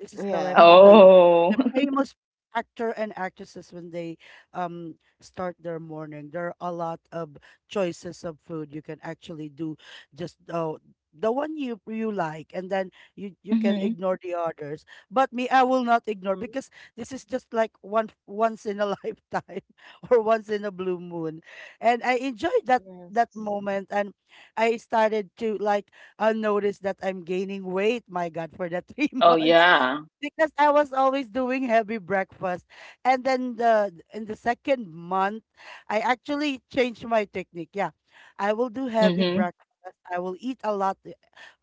this is the life of Yeah. the, (laughs) Oh. the famous actor and actresses when they um start their morning. There are a lot of choices of food you can actually do, just the one you like, and then you (laughs) you can hmm ignore the others. But me, I will not ignore, Hmm. because this is just like one once in a (laughs) lifetime, or once in a blue moon. And I enjoyed that Yes. moment and I started to like I noticed that I'm gaining weight. My God, for the three (laughs) Oh, months yeah. because I was always doing heavy breakfast. And then the in the second month, I actually changed my technique. Yeah, I will do heavy hmm breakfast. I will eat a lot,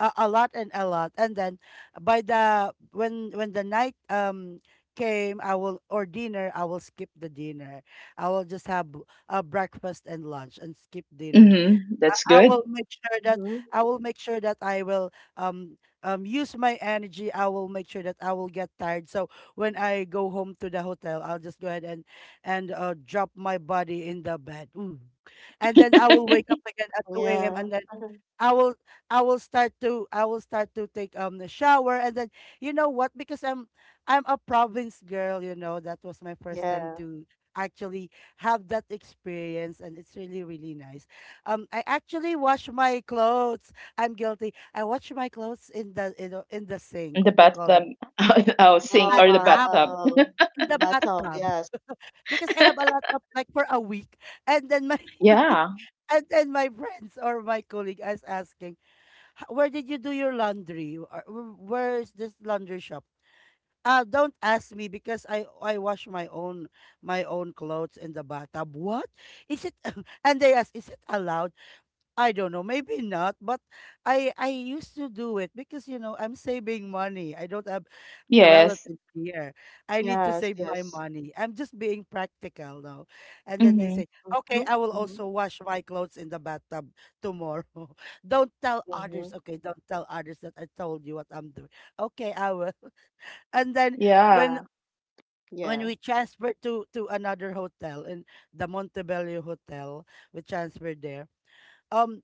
a lot and a lot. And then by the when the night came, I will or dinner. I will skip the dinner. I will just have a breakfast and lunch and skip dinner. hmm That's I good. will make sure that Hmm. I will um use my energy. I will make sure that I will get tired. So when I go home to the hotel, I'll just go ahead and drop my body in the bed. Ooh. And then I will wake (laughs) up again at 2 a.m. Yeah. and then (laughs) I will I will start to take the shower. And then you know what, because I'm a province girl, you know, that was my first time Yeah. to actually have that experience, and it's really, really nice. I actually wash my clothes. I'm guilty. I wash my clothes in the, you know, in the sink, The what you call bathtub, that, (laughs) oh, in the sink Oh or the bathtub. wow. The bathtub. bathtub, Yes. because I have a lot, of like, for a week. And then my (laughs) Yeah. (laughs) and then my friends or my colleague is asking, where did you do your laundry? Or where is this laundry shop? Don't ask me, because I wash my own, my own clothes in the bathtub. What is it? (laughs) And they ask, is it allowed? I don't know. Maybe not. But I used to do it because, you know, I'm saving money. I don't have a Yes. relative here. I need to Yes. save my Yes. money. I'm just being practical now. And then they hmm say, okay, Hmm. I will Hmm. also wash my clothes in the bathtub tomorrow. (laughs) Don't tell others. Hmm. Okay, don't tell others that I told you what I'm doing. Okay, I will. (laughs) And then when Yeah. when we Yeah. transferred to another hotel, in the Montebello Hotel, we transferred there. um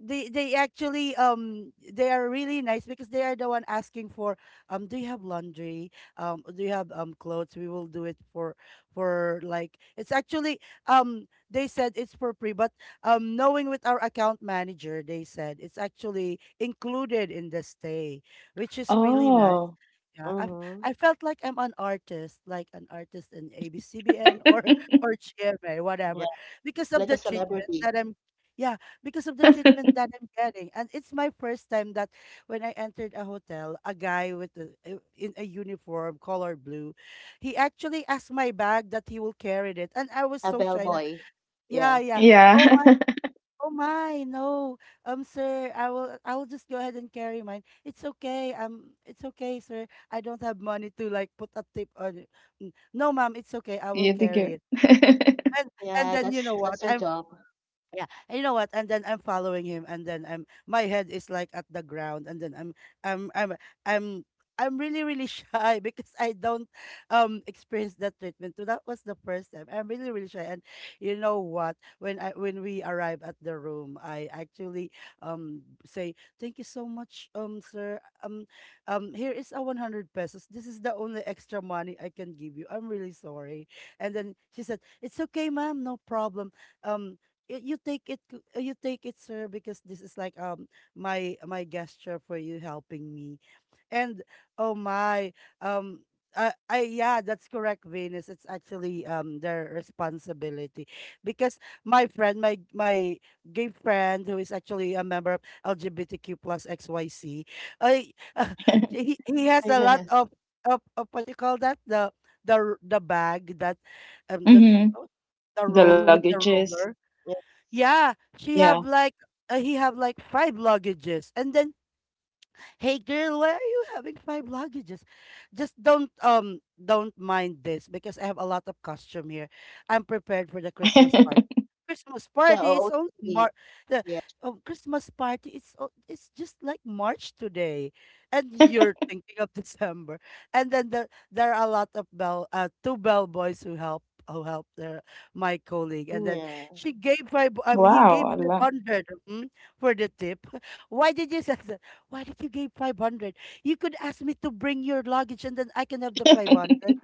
they actually, they are really nice, because they are the one asking for, do you have laundry, do you have clothes, we will do it for like. It's actually, they said it's for free, but knowing with our account manager, they said it's actually included in the stay, which is really nice. Oh. Yeah, I Hmm. I felt like I'm an artist, like an artist in ABCBN or (laughs) (laughs) or GMA, whatever, Yeah. because of Like a the treatment celebrity, that I'm. Yeah, because of the treatment that I'm getting. And it's my first time that when I entered a hotel, a guy with a, in a uniform, color blue, he actually asked my bag that he will carry it, and I was a so shy. Na, bellboy. yeah, Yeah. yeah. Yeah. Oh my, (laughs) oh my, no, sir, I will just go ahead and carry mine. It's okay, sir. I don't have money to, like, put a tip on it. No, ma'am, it's okay. I will You think carry it." it. (laughs) And Yeah. then, you know That's what? that's their I'm, job. (laughs) yeah, and you know what? And then I'm following him, and then I'm, my head is like at the ground, and then I'm I'm I'm I'm really, really shy (laughs) because I don't experience that treatment. So that was the first time. I'm really, really shy. And you know what? When we arrive at the room, I actually say, thank you so much, um, sir. Here is a 100 pesos. This is the only extra money I can give you. I'm really sorry. And then she said, "It's okay, ma'am. No problem." You, you take it, you take it, sir, because this is like, my, my gesture for you helping me. And oh my, um I, yeah, that's correct, Venus. It's actually, their responsibility. Because my friend, my gay friend, who is actually a member of LGBTQ plus XYC, I (laughs) he has a lot Yes. of, of what you call that, the the bag that um that hmm oh, the The roll with Hmm. the luggages. roller. Yes. Yeah, she Yeah. have like, he have like 5 luggages. And then, "Hey girl, why are you having 5 luggages?" "Just don't, don't mind this, because I have a lot of costume here. I'm prepared for the Christmas party." (laughs) Christmas The party is only OOTD. Mar the, Christmas party. It's just like March today, and you're thinking of (laughs) December. And then there are a lot of bell 2 bellboys who help their my colleague. And then Yeah, she gave five he Wow! gave five Allah. hundred mm, for the tip. (laughs) Why did you (laughs) say why did you give 500? You could ask me to bring your luggage and then I can have the 500.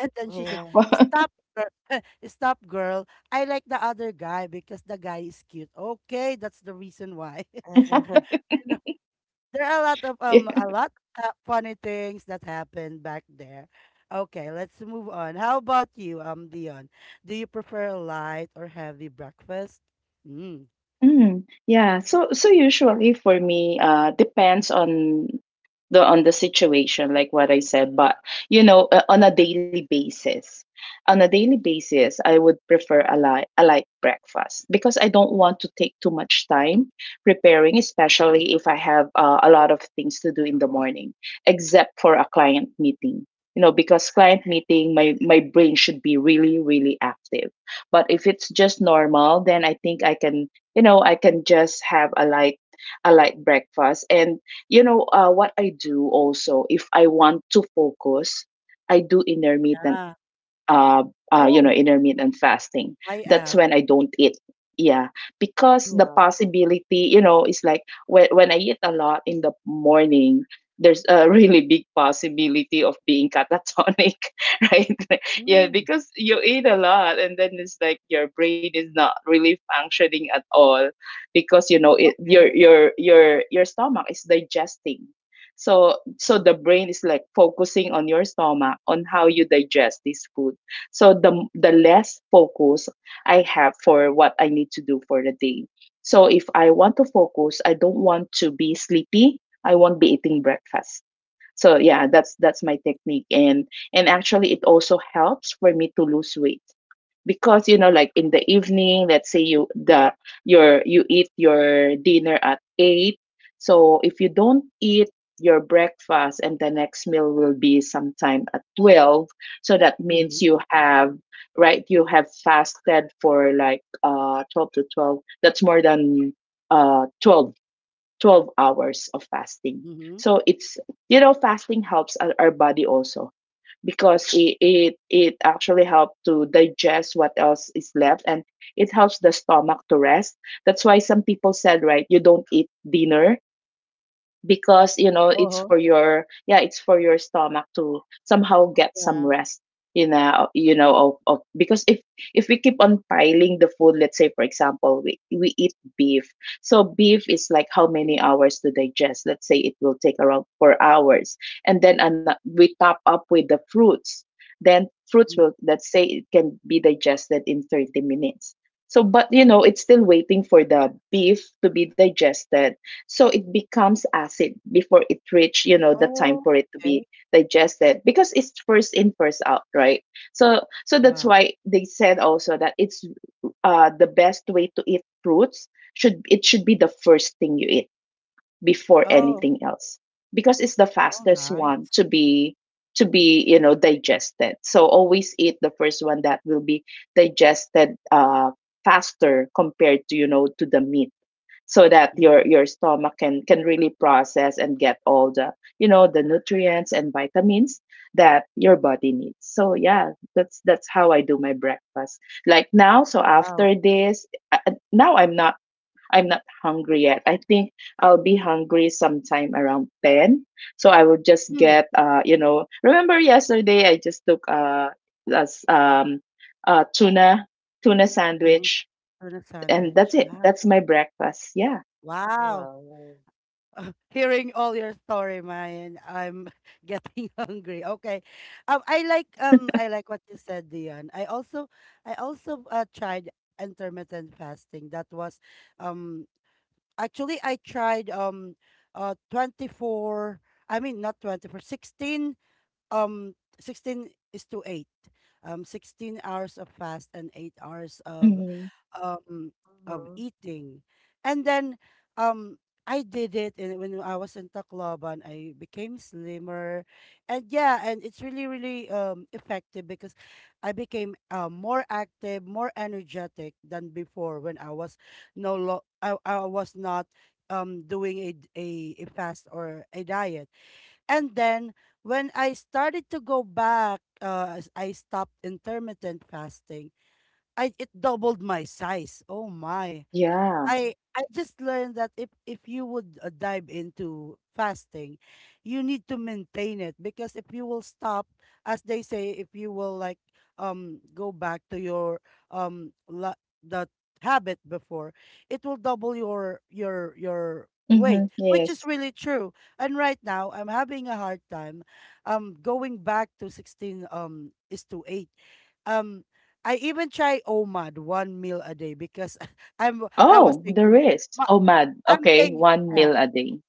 And then she said, yeah, (laughs) "Stop, girl. (laughs) Stop, girl. I like the other guy because the guy is cute. Okay, that's the reason why." (laughs) (laughs) You know, there are a lot of, a Wow. lot of funny things that happened back there. Okay, let's move on. How about you, Dion? Do you prefer a light or heavy breakfast? Mm, Mm, yeah. So so usually for me, depends on the situation, like what I said. But you know, on a daily basis, on a daily basis, I would prefer a light breakfast because I don't want to take too much time preparing, especially if I have a lot of things to do in the morning, except for a client meeting. You know, because client meeting, my brain should be really really active. But if it's just normal, then I think I can you know I can just have a light breakfast and you know what I do also if I want to focus I do intermittent yeah. uh, you know, Oh, intermittent fasting. I That's have. when I don't eat. Yeah, because the yeah, possibility, you know, is like when I eat a lot in the morning, there's a (laughs) really big possibility of being catatonic, (laughs) right? (laughs) Yeah, Mm, because you eat a lot and then it's like your brain is not really functioning at all because you know it okay. Your stomach is digesting. So so Mm-hmm. the brain is like focusing on your stomach on how you digest this food so the less focus I have for what I need to do for the day. So if I want to focus, I don't want to be sleepy. I won't be eating breakfast. So yeah, that's my technique and actually it also helps for me to lose weight because you know like in the evening let's say you the your you eat your dinner at 8 so if you don't eat your breakfast and the next meal will be sometime at 12 so that Mm-hmm. means you have right you have fasted for like 12 to 12 that's more than uh 12 12 hours of fasting Mhm. so it's you know fasting helps our body also because it actually helps to digest what else is left and it helps the stomach to rest. That's why some people said, right, you don't eat dinner because you know Uh-huh. it's for your yeah it's for your stomach to somehow get some yeah. rest you know of because if we keep on piling the food let's say for example we eat beef so beef is like how many hours to digest let's say it will take around 4 hours and then we top up with the fruits then fruits Mm. will let's say it can be digested in 30 minutes so but you know it's still waiting for the beef to be digested so it becomes acid before it reach you know the time Oh, for it to okay, be digested because it's first in first out right so so that's yeah. why they said also that it's the best way to eat fruits should it should be the first thing you eat before Oh, anything else because it's the oh, fastest one nice. to be you know digested so always eat the first one that will be digested faster compared to you know to the meat so that Mhm. your stomach can really process and get all the you know the nutrients and vitamins that your body needs so yeah that's how I do my breakfast like now so Wow. after this now I'm not hungry yet I think I'll be hungry sometime around 10 so I will just Mm, get you know remember yesterday I just took as tuna tuna mhm. sandwich Tuna and sandwich, that's it yeah. that's my breakfast yeah. Wow. Well, (laughs) Hearing all your story, Mayan, I'm (laughs) getting hungry. Okay. I like what you said, Dion. I also, tried intermittent fasting. That was, um, actually I tried, 24. I mean, not 24, 16. um 16 is to 8, 16 hours of fast and 8 hours of, Mhm. um of mm-hmm. eating. And then, um I did it, and when I was in Tacloban, I became slimmer. And yeah, and it's really, really, um, effective, because I became, more active, more energetic than before, when I was no lo- I was not doing a, a fast or a diet. And then, when I started to go back, as I stopped intermittent fasting, I, it doubled my size. Oh my. Yeah. I just learned that if you would, dive into fasting, you need to maintain it, because if you will stop, as they say, if you will, like, go back to your, la- that habit before, it will double your, your weight, Mhm. which is Yes. really true. And right now, I'm having a hard time, going back to 16, is to 8. Um I even try OMAD, one meal a day, because I was Oh, there thinking, is. ma- Oh, mad. I'm Okay, thinking. one Yeah. meal a day.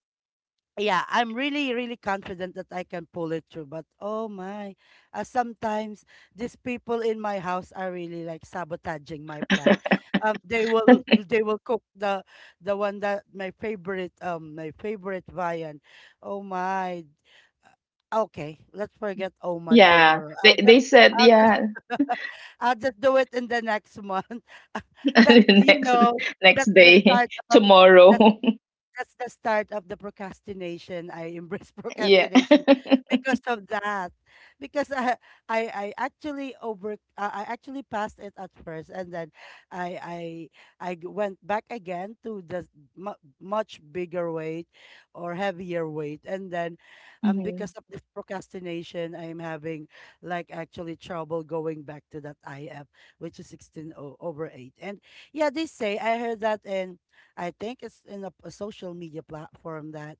Yeah, I'm really, really confident that I can pull it through. But oh my, sometimes these people in my house are really like sabotaging my plan. They will cook the one that, my favorite viand. Oh my, uh, okay, let's forget OMAD Yeah. tomorrow. I'll just They said I'll just yeah. (laughs) I'll just do it in the next month. (laughs) That, (laughs) you Next know, next that's the day, start (laughs) of, that's tomorrow. (laughs) that's the start of the procrastination. I embrace (laughs) Yeah. procrastination (laughs) because of that. Because I actually over I actually passed it at first, and then I I went back again to the much bigger weight or heavier weight. And then, Mhm. because of this procrastination, I am having, like, actually trouble going back to that IF, which is over eight. And yeah, they say, I heard that in, I think it's in a social media platform that,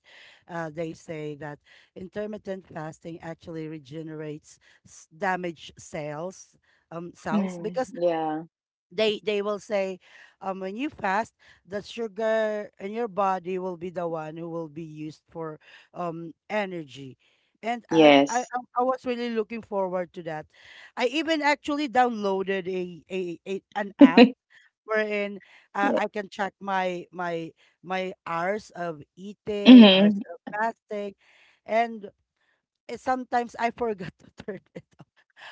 they say that intermittent fasting actually regenerates damaged cells, cells, Mm. because Yeah. they will say, when you fast, the sugar in your body will be the one who will be used for, energy. And Yes. I was really looking forward to that. I even actually downloaded a, an app (laughs) wherein, I can check my my hours of eating, hours Mm-hmm. of fasting. And eh, sometimes I (laughs) forgot to turn it off.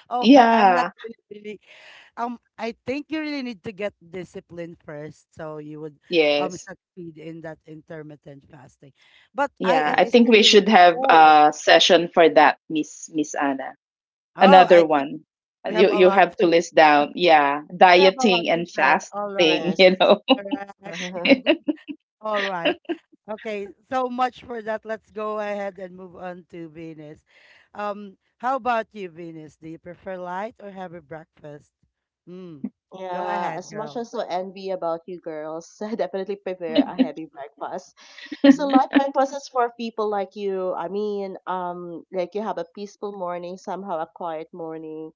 Oh, I'm not Yeah. really, really, um. I think you really need to get discipline first, so you would, Yes. succeed in that intermittent fasting. But Yeah. IF I is Yes, think we really, should really have cool. a session for that, Miss Anna. Oh, I Another think one. We You have a you lot. have to list down yeah We have a lot dieting to and say. All fasting (laughs) right, you yes. know correct. (laughs) (laughs) (laughs) All right. Okay, so much for that. Let's go ahead and move on to Venus. How about you, Venus? Do you prefer light or heavy breakfast? Mm. Go Yeah, ahead, as much girl. as I envy about you girls, (laughs) I definitely prepare a (laughs) heavy breakfast. So Mm-hmm. light breakfast is for people like you. I mean, like you have a peaceful morning, somehow a quiet morning.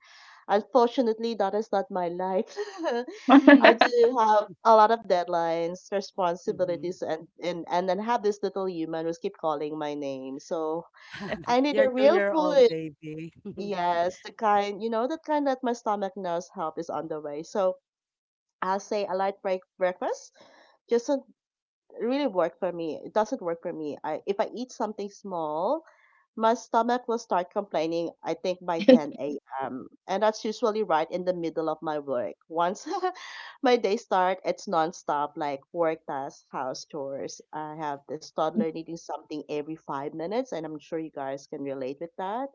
Unfortunately, that is not my life. (laughs) (laughs) I Mm. do have a lot of deadlines, Mm-hmm. responsibilities, and then have this little human who's keep calling my name. So I need a Your real two-year-old food. baby. Yes, the kind, you know, that kind that my stomach knows help is on the way. So I'll say a light breakfast just doesn't really work for me. It doesn't work for me. If I eat something small, my stomach will start complaining, I think, by 10 a.m. And that's usually right in the middle of my work. Once (laughs) my day start, it's nonstop, like work tasks, house chores. I have this toddler needing something every 5 minutes, and I'm sure you guys can relate with that,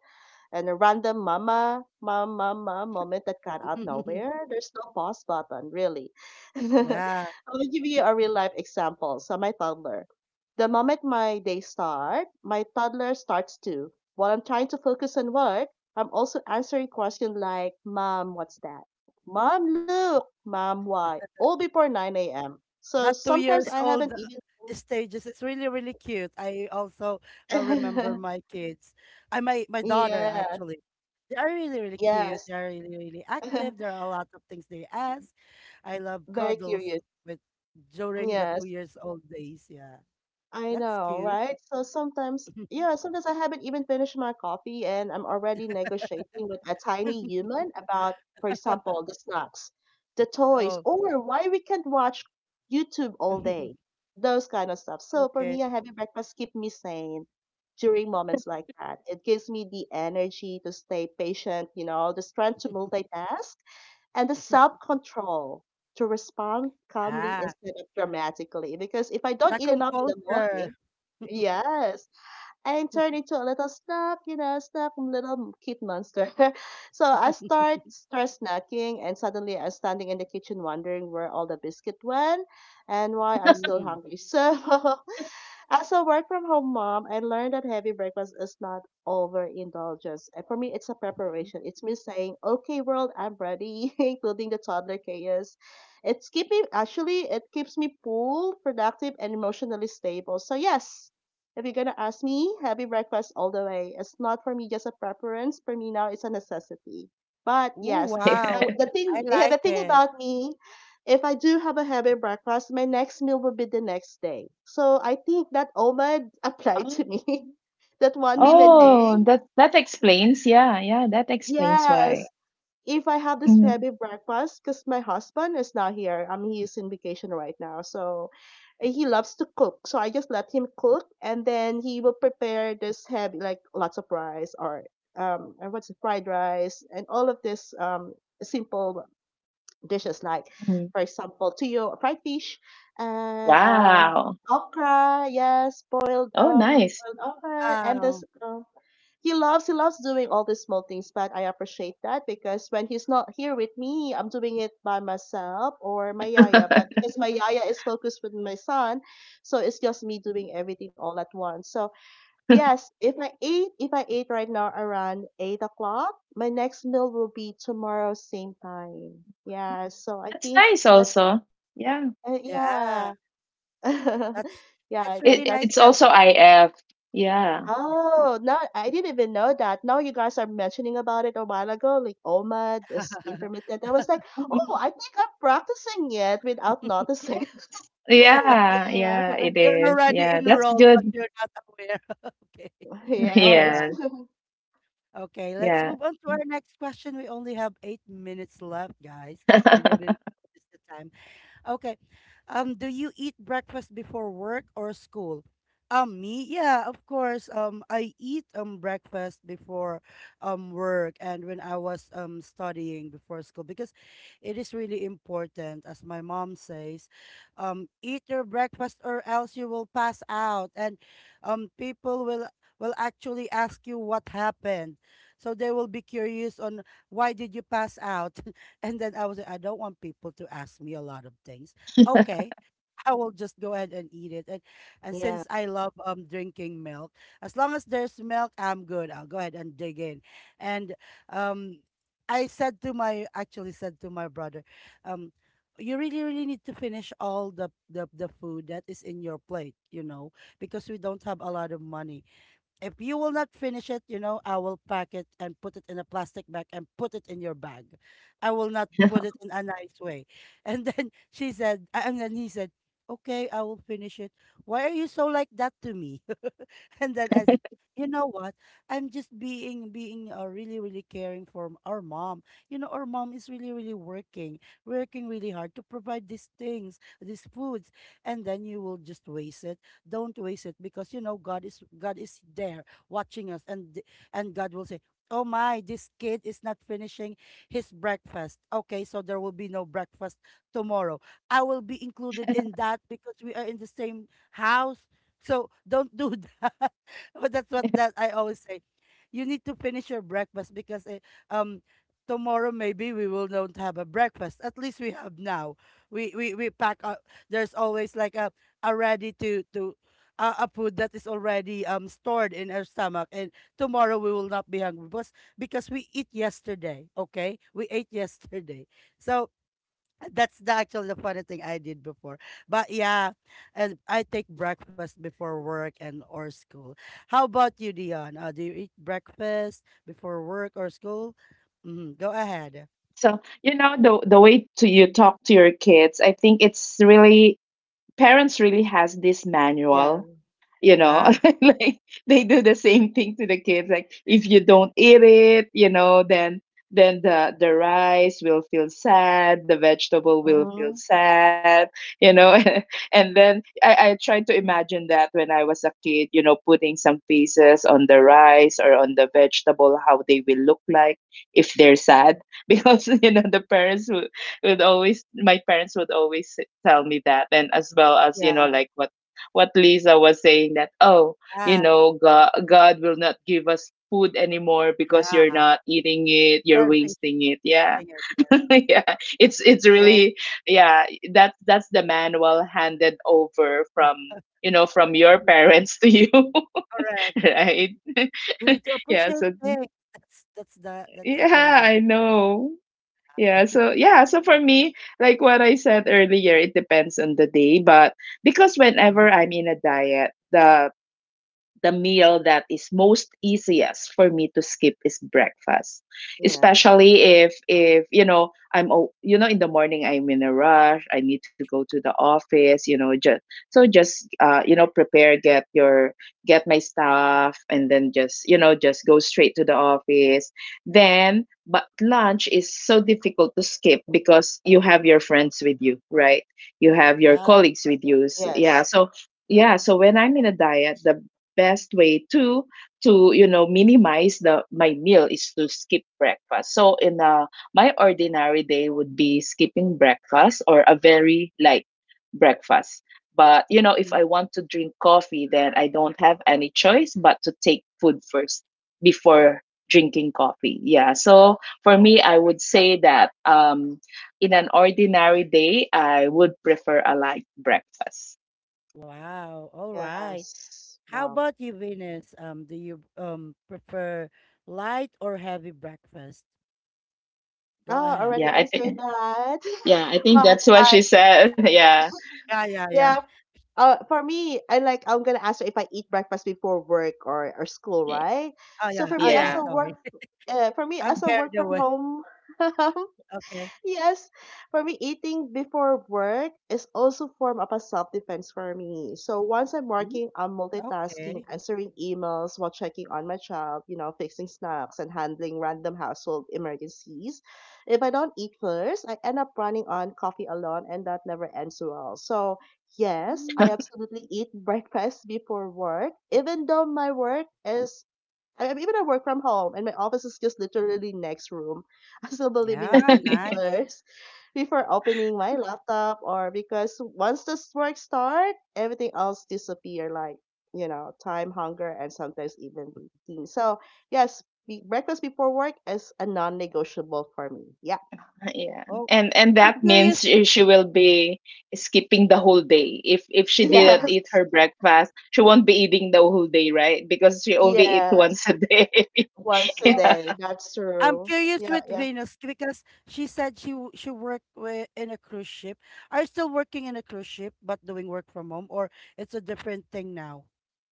and a random mama, mom, mom, mom moment that got out (laughs) nowhere. There's no pause button, really. (laughs) Yeah, I'll give you a real life example. So, my toddler, the moment my day start, my toddler starts too. While I'm trying to focus on work, I'm also answering questions like, "Mom, what's that? Mom, look. Mom, why?" All before 9 a.m. So that two sometimes years I old haven't stages is really, really cute. I also, remember even. my kids. I my (laughs) my daughter Yeah, actually. They are really, really cute. yes. They are really, really active. (laughs) There are a lot of things they ask. I love Very cuddles curious. with during the two Yes. years old days. Yeah, I that's know, cute. right? So sometimes, yeah, (laughs) sometimes I haven't even finished my coffee, and I'm already negotiating with a tiny human about, for example, the snacks, the toys, Oh, or why we can't watch YouTube all day, (laughs) those kind of stuff. So for okay. me, a heavy breakfast keep me sane during moments like that. It gives me the energy to stay patient, you know, the strength to (laughs) multitask and the self control to respond calmly Yeah, instead of dramatically. Because if I the don't eat enough in the composure. morning, yes, I turn into a little snack, you know, snack, little kid monster. (laughs) So I (laughs) start snacking, and suddenly I'm standing in the kitchen wondering where all the biscuit went and why I'm still Mm. hungry. So (laughs) as a work from home mom, I learned that heavy breakfast is not overindulgence. And for me, it's a Mhm. preparation. It's me saying, "Okay, world, I'm ready," (laughs) including the toddler chaos. It's keeping, actually, it keeps me cool, productive, and emotionally stable. So, yes, if you're going to ask me, heavy breakfast all the way. It's not for me just a preference. For me now, it's a necessity. But Oh, yes, now wow. the I thing, yeah, the like thing it. about me, if I do have a heavy breakfast, my next meal will be the next day. So I think that OMAD (laughs) applied oh to me. (laughs) That one meal a Mm. day. oh, that that explains yeah yeah that explains Yes. why. If I have this Mhm, heavy breakfast, because my husband is not here, I he is in vacation right now. So, he loves to cook. So I just let him cook and then he will prepare this heavy, like lots of rice or and what's it, fried rice and all of this simple dishes like, mhm. for example, tuyo fried fish and Wow. okra, yes, boiled Oh um nice. boiled okra, and this Wow. He loves doing all these small things, but I appreciate that because when he's not here with me I'm doing it by myself or my yaya, (laughs) but because my yaya is focused with my son, so it's just me doing everything all at once. So yes, if I eat right now around 8 o'clock, my next meal will be tomorrow same time. Yeah, so I That's think nice that also yeah. Yeah. yeah, (laughs) That's yeah, I really think It nice it's that's to that. also IF. Yeah. hear. Oh, no, I didn't even know that. Now you guys are mentioning about it a while ago, like OMAD, this (laughs) intermittent. I was like, oh, Mhm. I think I'm practicing it without noticing. (laughs) Yes. Yeah, yeah, Yeah, it You're is. already Yeah, that's enrolled, but good. you're not aware. (laughs) Okay. (laughs) (laughs) All yes. Yeah, right. (laughs) Okay, let's yeah. move on to our next question. We only have 8 minutes left, guys. We don't notice (laughs) the time. Okay. Do you eat breakfast before work or school? Me? Yeah, of course. I eat breakfast before work, and when I was studying before school, because it is really important, as my mom says, eat your breakfast or else you will pass out, and people will actually ask you what happened. So they will be curious on, why did you pass out? And then I was like, I don't want people to ask me a lot of things. Okay, (laughs) I will just go ahead and eat it. And Yeah, since I love drinking milk, as long as there's milk, I'm good. I'll go ahead and dig in. And um I said to my actually said to my brother, um, you really, really need to finish all the food that is in your plate, you know, because we don't have a lot of money. If you will not finish it, you know, I will pack it and put it in a plastic bag and put it in your bag. I will not put it in a nice way. And then (laughs) she said, and then he said, okay, I will finish it. Why are you so like that to me? (laughs) And then I said, you know what? I'm just being really, really caring for our mom. You know, our mom is really, really working, working really hard to provide these things, these foods, and then you will just waste it. Don't waste it, because you know God is there watching us, and and God will say, oh my, this kid is not finishing his breakfast. Okay, so there will be no breakfast tomorrow. I will be included in that because we are in the same house. So don't do that. (laughs) But that's what that I always say. You need to finish your breakfast because um tomorrow maybe we will not have a breakfast. At least we have now. We pack up. There's always like a ready to a food that is already stored in our stomach, and tomorrow we will not be hungry because we eat yesterday. Okay, we ate yesterday. So that's the actually the funny thing I did before. But yeah, and I take breakfast before work and or school. How about you, Dion? Do you eat breakfast before work or school? Mm, go ahead. So, you know, the way to you talk to your kids, I think it's really parents really has this yeah. manual you know Ah, (laughs) like they do the same thing to the kids like if you don't eat it you know then the rice will feel sad the vegetable will feel Mm-hmm. sad you know (laughs) and then I tried to imagine that when I was a kid you know putting some pieces on the rice or on the vegetable how they will look like if they're sad (laughs) because you know the parents would always my parents would always tell me that and as well as you know Yeah, like what Lisa was saying that, oh, you yeah, know, God will not give us food anymore because you're yeah. not eating it, you're You're fishing wasting it. Yeah. it (laughs) here. yeah. It's yeah, yeah. really yeah, that's the manual handed over from you know from your (laughs) (laughs) parents to you (laughs) Correct. right (laughs) We need to yeah appreciate so things. That's the that's yeah actually I the know yeah (laughs) so yeah so for me like what I said earlier it depends on the day but because whenever I'm in a diet the meal that is most easiest for me to skip is breakfast, Yeah. especially if you know you know in the morning I'm in a rush. I need to go to the office. You know just so just you know prepare get my stuff and then just you know just go straight to the office. Then but lunch is so difficult to skip because you have your friends with you, right? You have your yeah. colleagues with you. Yeah, Yes, so yeah, so when I'm in a diet, the best way to you know minimize the my meal is to skip breakfast. So in a my ordinary day would be skipping breakfast or a very light breakfast. But you know, if Mm. I want to drink coffee, then I don't have any choice but to take food first before drinking coffee. Yeah. So for me, I would say that in an ordinary day, I would prefer a light breakfast. Wow. All right. yes. How Wow. about you, Venus? Do you prefer light or heavy breakfast? Go Oh, already Yeah, ahead. I answered think. that. Yeah, I (laughs) think But that's what I, she said. (laughs) Yeah. Yeah, yeah, yeah. yeah. For me, I'm gonna answer if I eat breakfast before work or school, Y- right? Oh So yeah, for oh me, yeah. as a Yeah. work, Sorry, uh, (laughs) for me I'm as a carried work from away. home (laughs) Okay. yes, for me, eating before work is also form of a self defense for me. So once I'm Mm, working, I'm multitasking, okay. answering emails while checking on my child, you know, fixing snacks and handling random household emergencies. If I don't eat first, I end up running on coffee alone, and that never ends well. So yes, I Mm, absolutely eat (laughs) breakfast before work, even though my work is, I am even I work from home and my office is just literally next room. (laughs) I'm still believing in yeah, eating (laughs) nice. first before opening my laptop, or because once this work start, everything else disappear like, you know, time, hunger, and sometimes even routine. So yes, breakfast before work is a non-negotiable for me. Yeah. (laughs) Yeah. Oh, And I'm that curious. means she will be skipping the whole day. If she didn't Yeah. eat Yes. her breakfast, she won't be eating the whole day, right? Because she only eat (laughs) once Yes. a day. (laughs) Once a Yeah. day. That's I'm true. curious Yeah, with yeah. Venus because she said she worked with, in a cruise ship. Are you still working in a cruise ship but doing work from home, or it's a different thing now?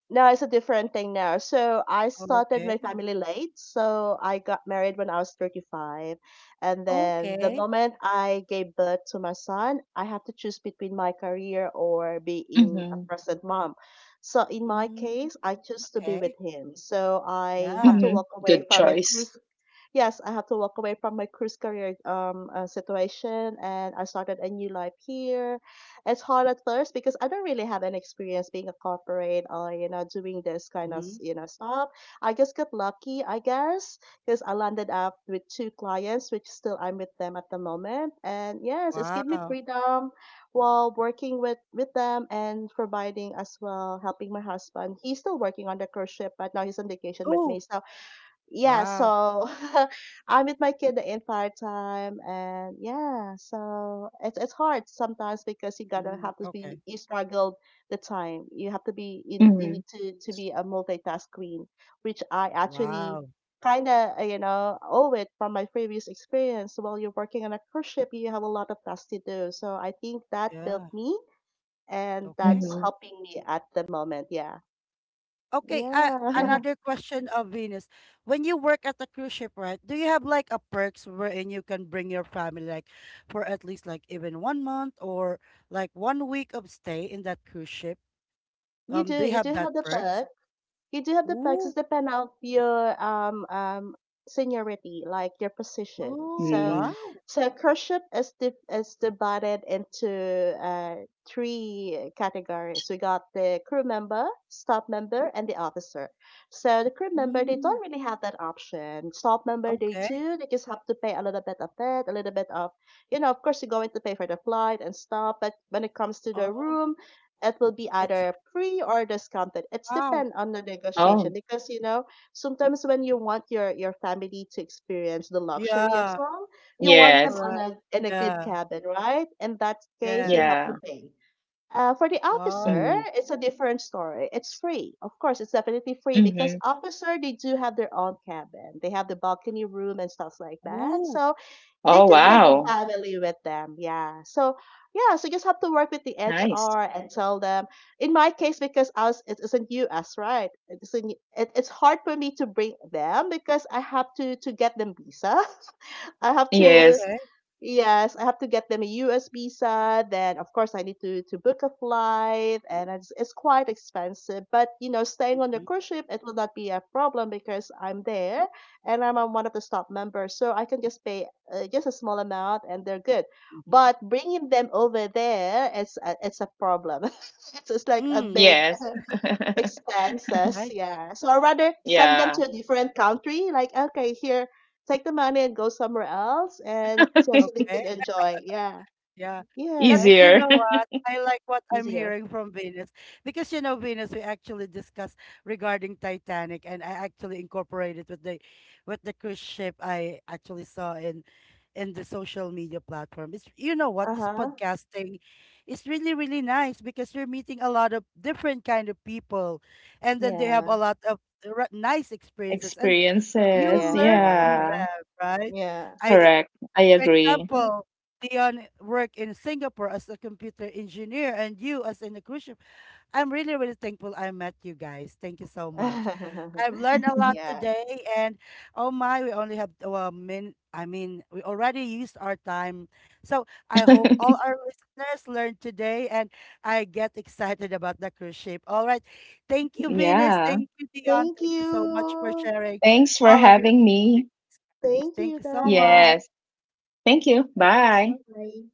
No, it's a different thing now. So I started my Okay. family late. So I got married when I was 35. And then the Okay. moment I gave birth to my son, I have to choose between my career or being a Mm-hmm. present mom. So in my Mm, case, I choose to be with okay. him. So I have Yeah. to Mm-hmm. walk away Good from my choice. cruise. Yes, I have to walk away from my cruise career situation, and I started a new life here. It's hard at first because I don't really have an experience being a corporate or, you know, doing this kind of, Mhm. you know, stuff. I just got lucky, I guess, because I landed up with two clients, which still I'm with them at the moment. And yes, it's give me Wow. freedom while working with them and providing as well helping my husband. He's still working on the cruise ship, but now he's on vacation with Oh, me, so yeah, wow. so (laughs) I'm with my kid the entire time, and yeah, so it's hard sometimes because you gotta Mm, have to okay. be, you struggle the time. You have to be in, you need Mm-hmm. to be a multitask queen, which I actually Wow. kind of, you know, owe it from my previous experience. While you're working on a cruise ship, you have a lot of tasks to do. So I think that built Yeah. me, and Okay. that's Mm-hmm. helping me at the moment. Yeah, Okay. Yeah. Yeah. (laughs) Another question of Venus. When you work at the cruise ship, right, do you have like a perks wherein you can bring your family like for at least like even one month or like one week of stay in that cruise ship? Do you you have do that have the perks? bug. You do have the taxes Ooh. depend on your seniority, like your position. Oh, So, Mm. wow. so cruship is divided into three categories. We got the crew member, staff member, and the officer. So the crew member they Mm, don't really have that option. Staff member they okay. do. They just have to pay a little bit of it, a little bit of. Of course, you're going to pay for the flight and stuff, but when it comes to the Oh. room, it will be It's either free or discounted. It's wow. depend on the negotiation Oh, because, sometimes when you want your family to experience the luxury as Yeah, well, you want them on correct. yes. a in a good Yeah. cabin, right? In that case, you Yes. have to Yeah. pay. For the officer, Wow. Mm. it's a different story. It's free. Of course, it's definitely free because Mm-hmm. officer, they do have their own cabin. They have the balcony room and stuff like that. Ooh. So they Oh, can take the Wow. wow. family with them. Yeah. So, yeah, so you just have to work with the HR Nice. and tell them. In my case, because it's in US, right? It's hard for me to bring them because I have to get them visa. (laughs) I have Oh, to Yes. okay. Yes, I have to get them a US visa. Then, of course, I need to book a flight, and it's quite expensive. But, you know, staying on the Mhm, cruise ship, it will not be a problem because I'm there and I'm on one of the staff members. So I can just pay, just a small amount and they're good. mhm. But bringing them over there, it's a problem. (laughs) It's like a Mm, big Yes. (laughs) expenses. right. Yeah. So I rather send them Yeah. to a different country. Like, okay, here, take the money and go somewhere else, and so they (laughs) Okay. could enjoy. Yeah. Yeah. That, Yeah. you Easier. know what? I like what (laughs) I'm Easier. hearing from Venus, because you know Venus, we actually discussed regarding Titanic, and I actually incorporated with the cruise ship I actually saw in the social media platform. It's, you know what, Uh this huh. podcasting is really, really nice because you're meeting a lot of different kind of people, and then they have a Yeah. lot of nice (laughs) experiences, and you Experiences. learn from Yeah. Yeah. them, right? Yeah. I, Correct. I for agree. Mhm. example, Dion worked in Singapore as a computer engineer, and you as an electrician. I'm really, really thankful I met you guys. Thank you so much. (laughs) I've learned a lot Yeah. today, and oh my, we only have a min. I mean, we already used our time. So I hope all (laughs) our listeners learned today, and I get excited about the cruise ship. All right. Thank you, Venus. Yeah. Thank you, Dion. Thank Thank you so much for you. sharing Thanks for all of your having me. experience. Thank Thank you you so guys. Yes. much. Thank you. Bye for now. Bye. Bye.